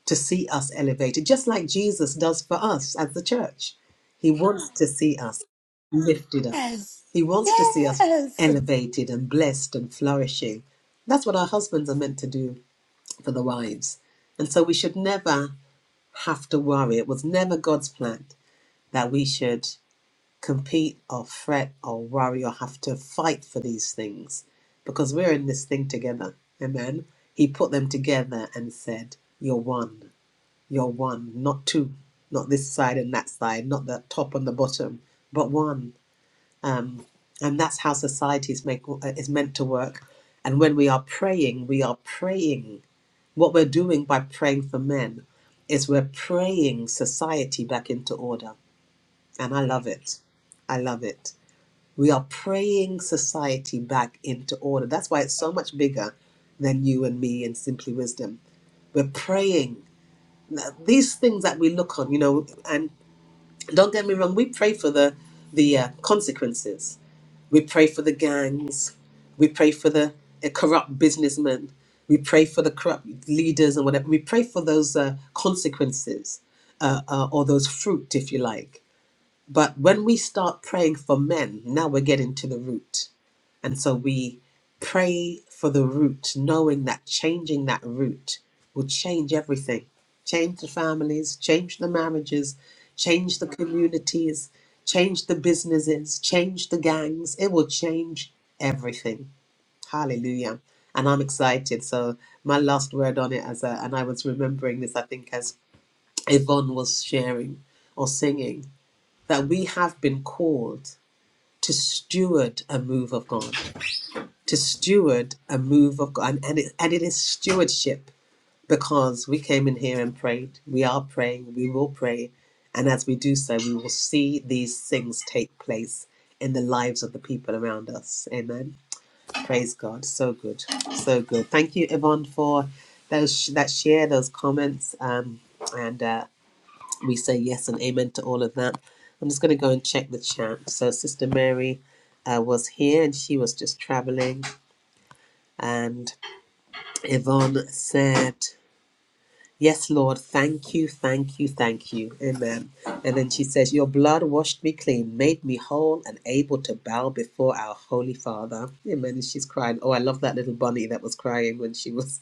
A: to see us elevated, just like Jesus does for us as the church. He wants to see us lifted up.
B: Yes,
A: He wants to see us
B: yes.
A: elevated and blessed and flourishing. That's what our husbands are meant to do for the wives. And so we should never have to worry. It was never God's plan that we should compete or fret or worry or have to fight for these things because we're in this thing together. Amen. He put them together and said, You're one, you're one, not two, not this side and that side, not the top and the bottom, but one. Um, and that's how society is, make, uh, is meant to work. And when we are praying, we are praying. What we're doing by praying for men is we're praying society back into order. And I love it. I love it. We are praying society back into order. That's why it's so much bigger than you and me and Simply Wisdom. We're praying these things that we look on, you know, and don't get me wrong, we pray for the the uh, consequences. We pray for the gangs. We pray for the uh, corrupt businessmen. We pray for the corrupt leaders and whatever. We pray for those uh, consequences uh, uh, or those fruit, if you like. But when we start praying for men, now we're getting to the root and so we pray for the root, knowing that changing that root will change everything change the families, change the marriages, change the communities, change the businesses, change the gangs. It will change everything. Hallelujah. And I'm excited. So, my last word on it, as a, and I was remembering this, I think, as Yvonne was sharing or singing, that we have been called to steward a move of God to steward a move of God. And, it, and it is stewardship because we came in here and prayed. We are praying. We will pray. And as we do so, we will see these things take place in the lives of the people around us. Amen. Praise God. So good. So good. Thank you, Yvonne, for those that share, those comments. Um, and uh, we say yes and amen to all of that. I'm just going to go and check the chat. So, Sister Mary uh, was here and she was just traveling. and. Yvonne said, Yes, Lord, thank you, thank you, thank you. Amen. And then she says, Your blood washed me clean, made me whole and able to bow before our Holy Father. Amen. And she's crying. Oh, I love that little bunny that was crying when she was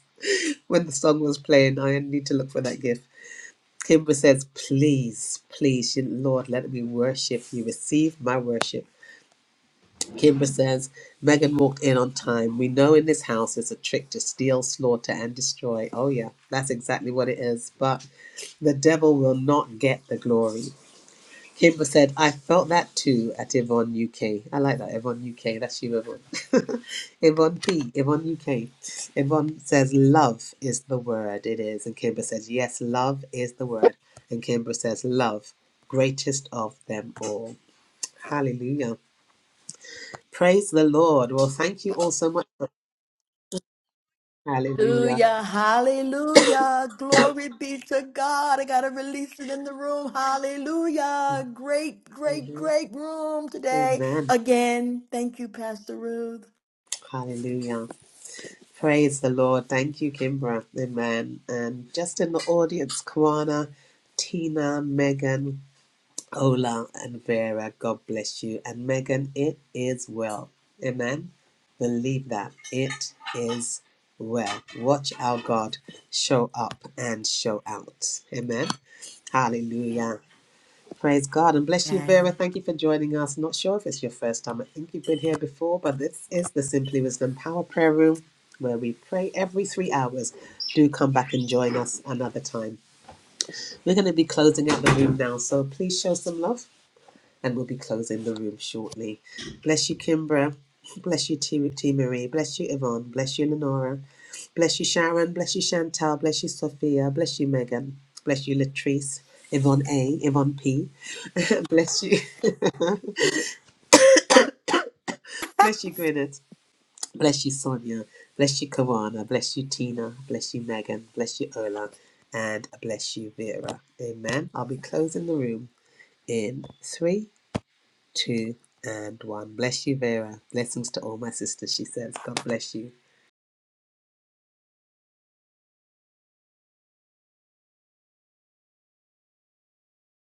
A: when the song was playing. I need to look for that gift. Kimber says, Please, please, Lord, let me worship you. Receive my worship. Kimber says, Megan walked in on time. We know in this house it's a trick to steal, slaughter, and destroy. Oh, yeah, that's exactly what it is. But the devil will not get the glory. Kimber said, I felt that too at Yvonne UK. I like that, Yvonne UK. That's you, Yvonne. Yvonne P, Yvonne UK. Yvonne says, Love is the word. It is. And Kimber says, Yes, love is the word. And Kimber says, Love, greatest of them all. Hallelujah. Praise the Lord. Well, thank you all so much. For, hallelujah.
B: Hallelujah, hallelujah. Glory be to God. I got to release it in the room. Hallelujah. Great, great,
A: Mhm.
B: great room today.
A: Amen.
B: Again, thank you, Pastor Ruth.
A: Hallelujah. Praise the Lord. Thank you, Kimbra. Amen. And just in the audience, Kwana, Tina, Megan, Ola, and Vera. God bless you. And Megan, it is well. Amen. Believe that. It is well. Watch our God show up and show out. Amen. Hallelujah. Praise God and bless you, Vera.
B: And
A: Thank you for joining us. Not sure if it's your first time. I think you've been here before, but this is the Simply Wisdom Power Prayer Room where we pray every three hours. Do come back and join us another time. We're going to be closing out the room now, so please show some love and we'll be closing the room shortly. Bless you, Kimbra. Bless you, T. T Marie. Bless you, Yvonne. Bless you, Lenora. Bless you, Sharon. Bless you, Chantal. Bless you, Sophia. Bless you, Megan. Bless you, Latrice. Yvonne A. Yvonne P. bless you. bless you, Gwyneth. Bless you, Sonia. Bless you, Kawana. Bless you, Tina. Bless you, Megan. Bless you, Ola. And bless you, Vera. Amen. I'll be closing the room in three, two, and one. Bless you, Vera. Blessings to all my sisters, she says. God bless you.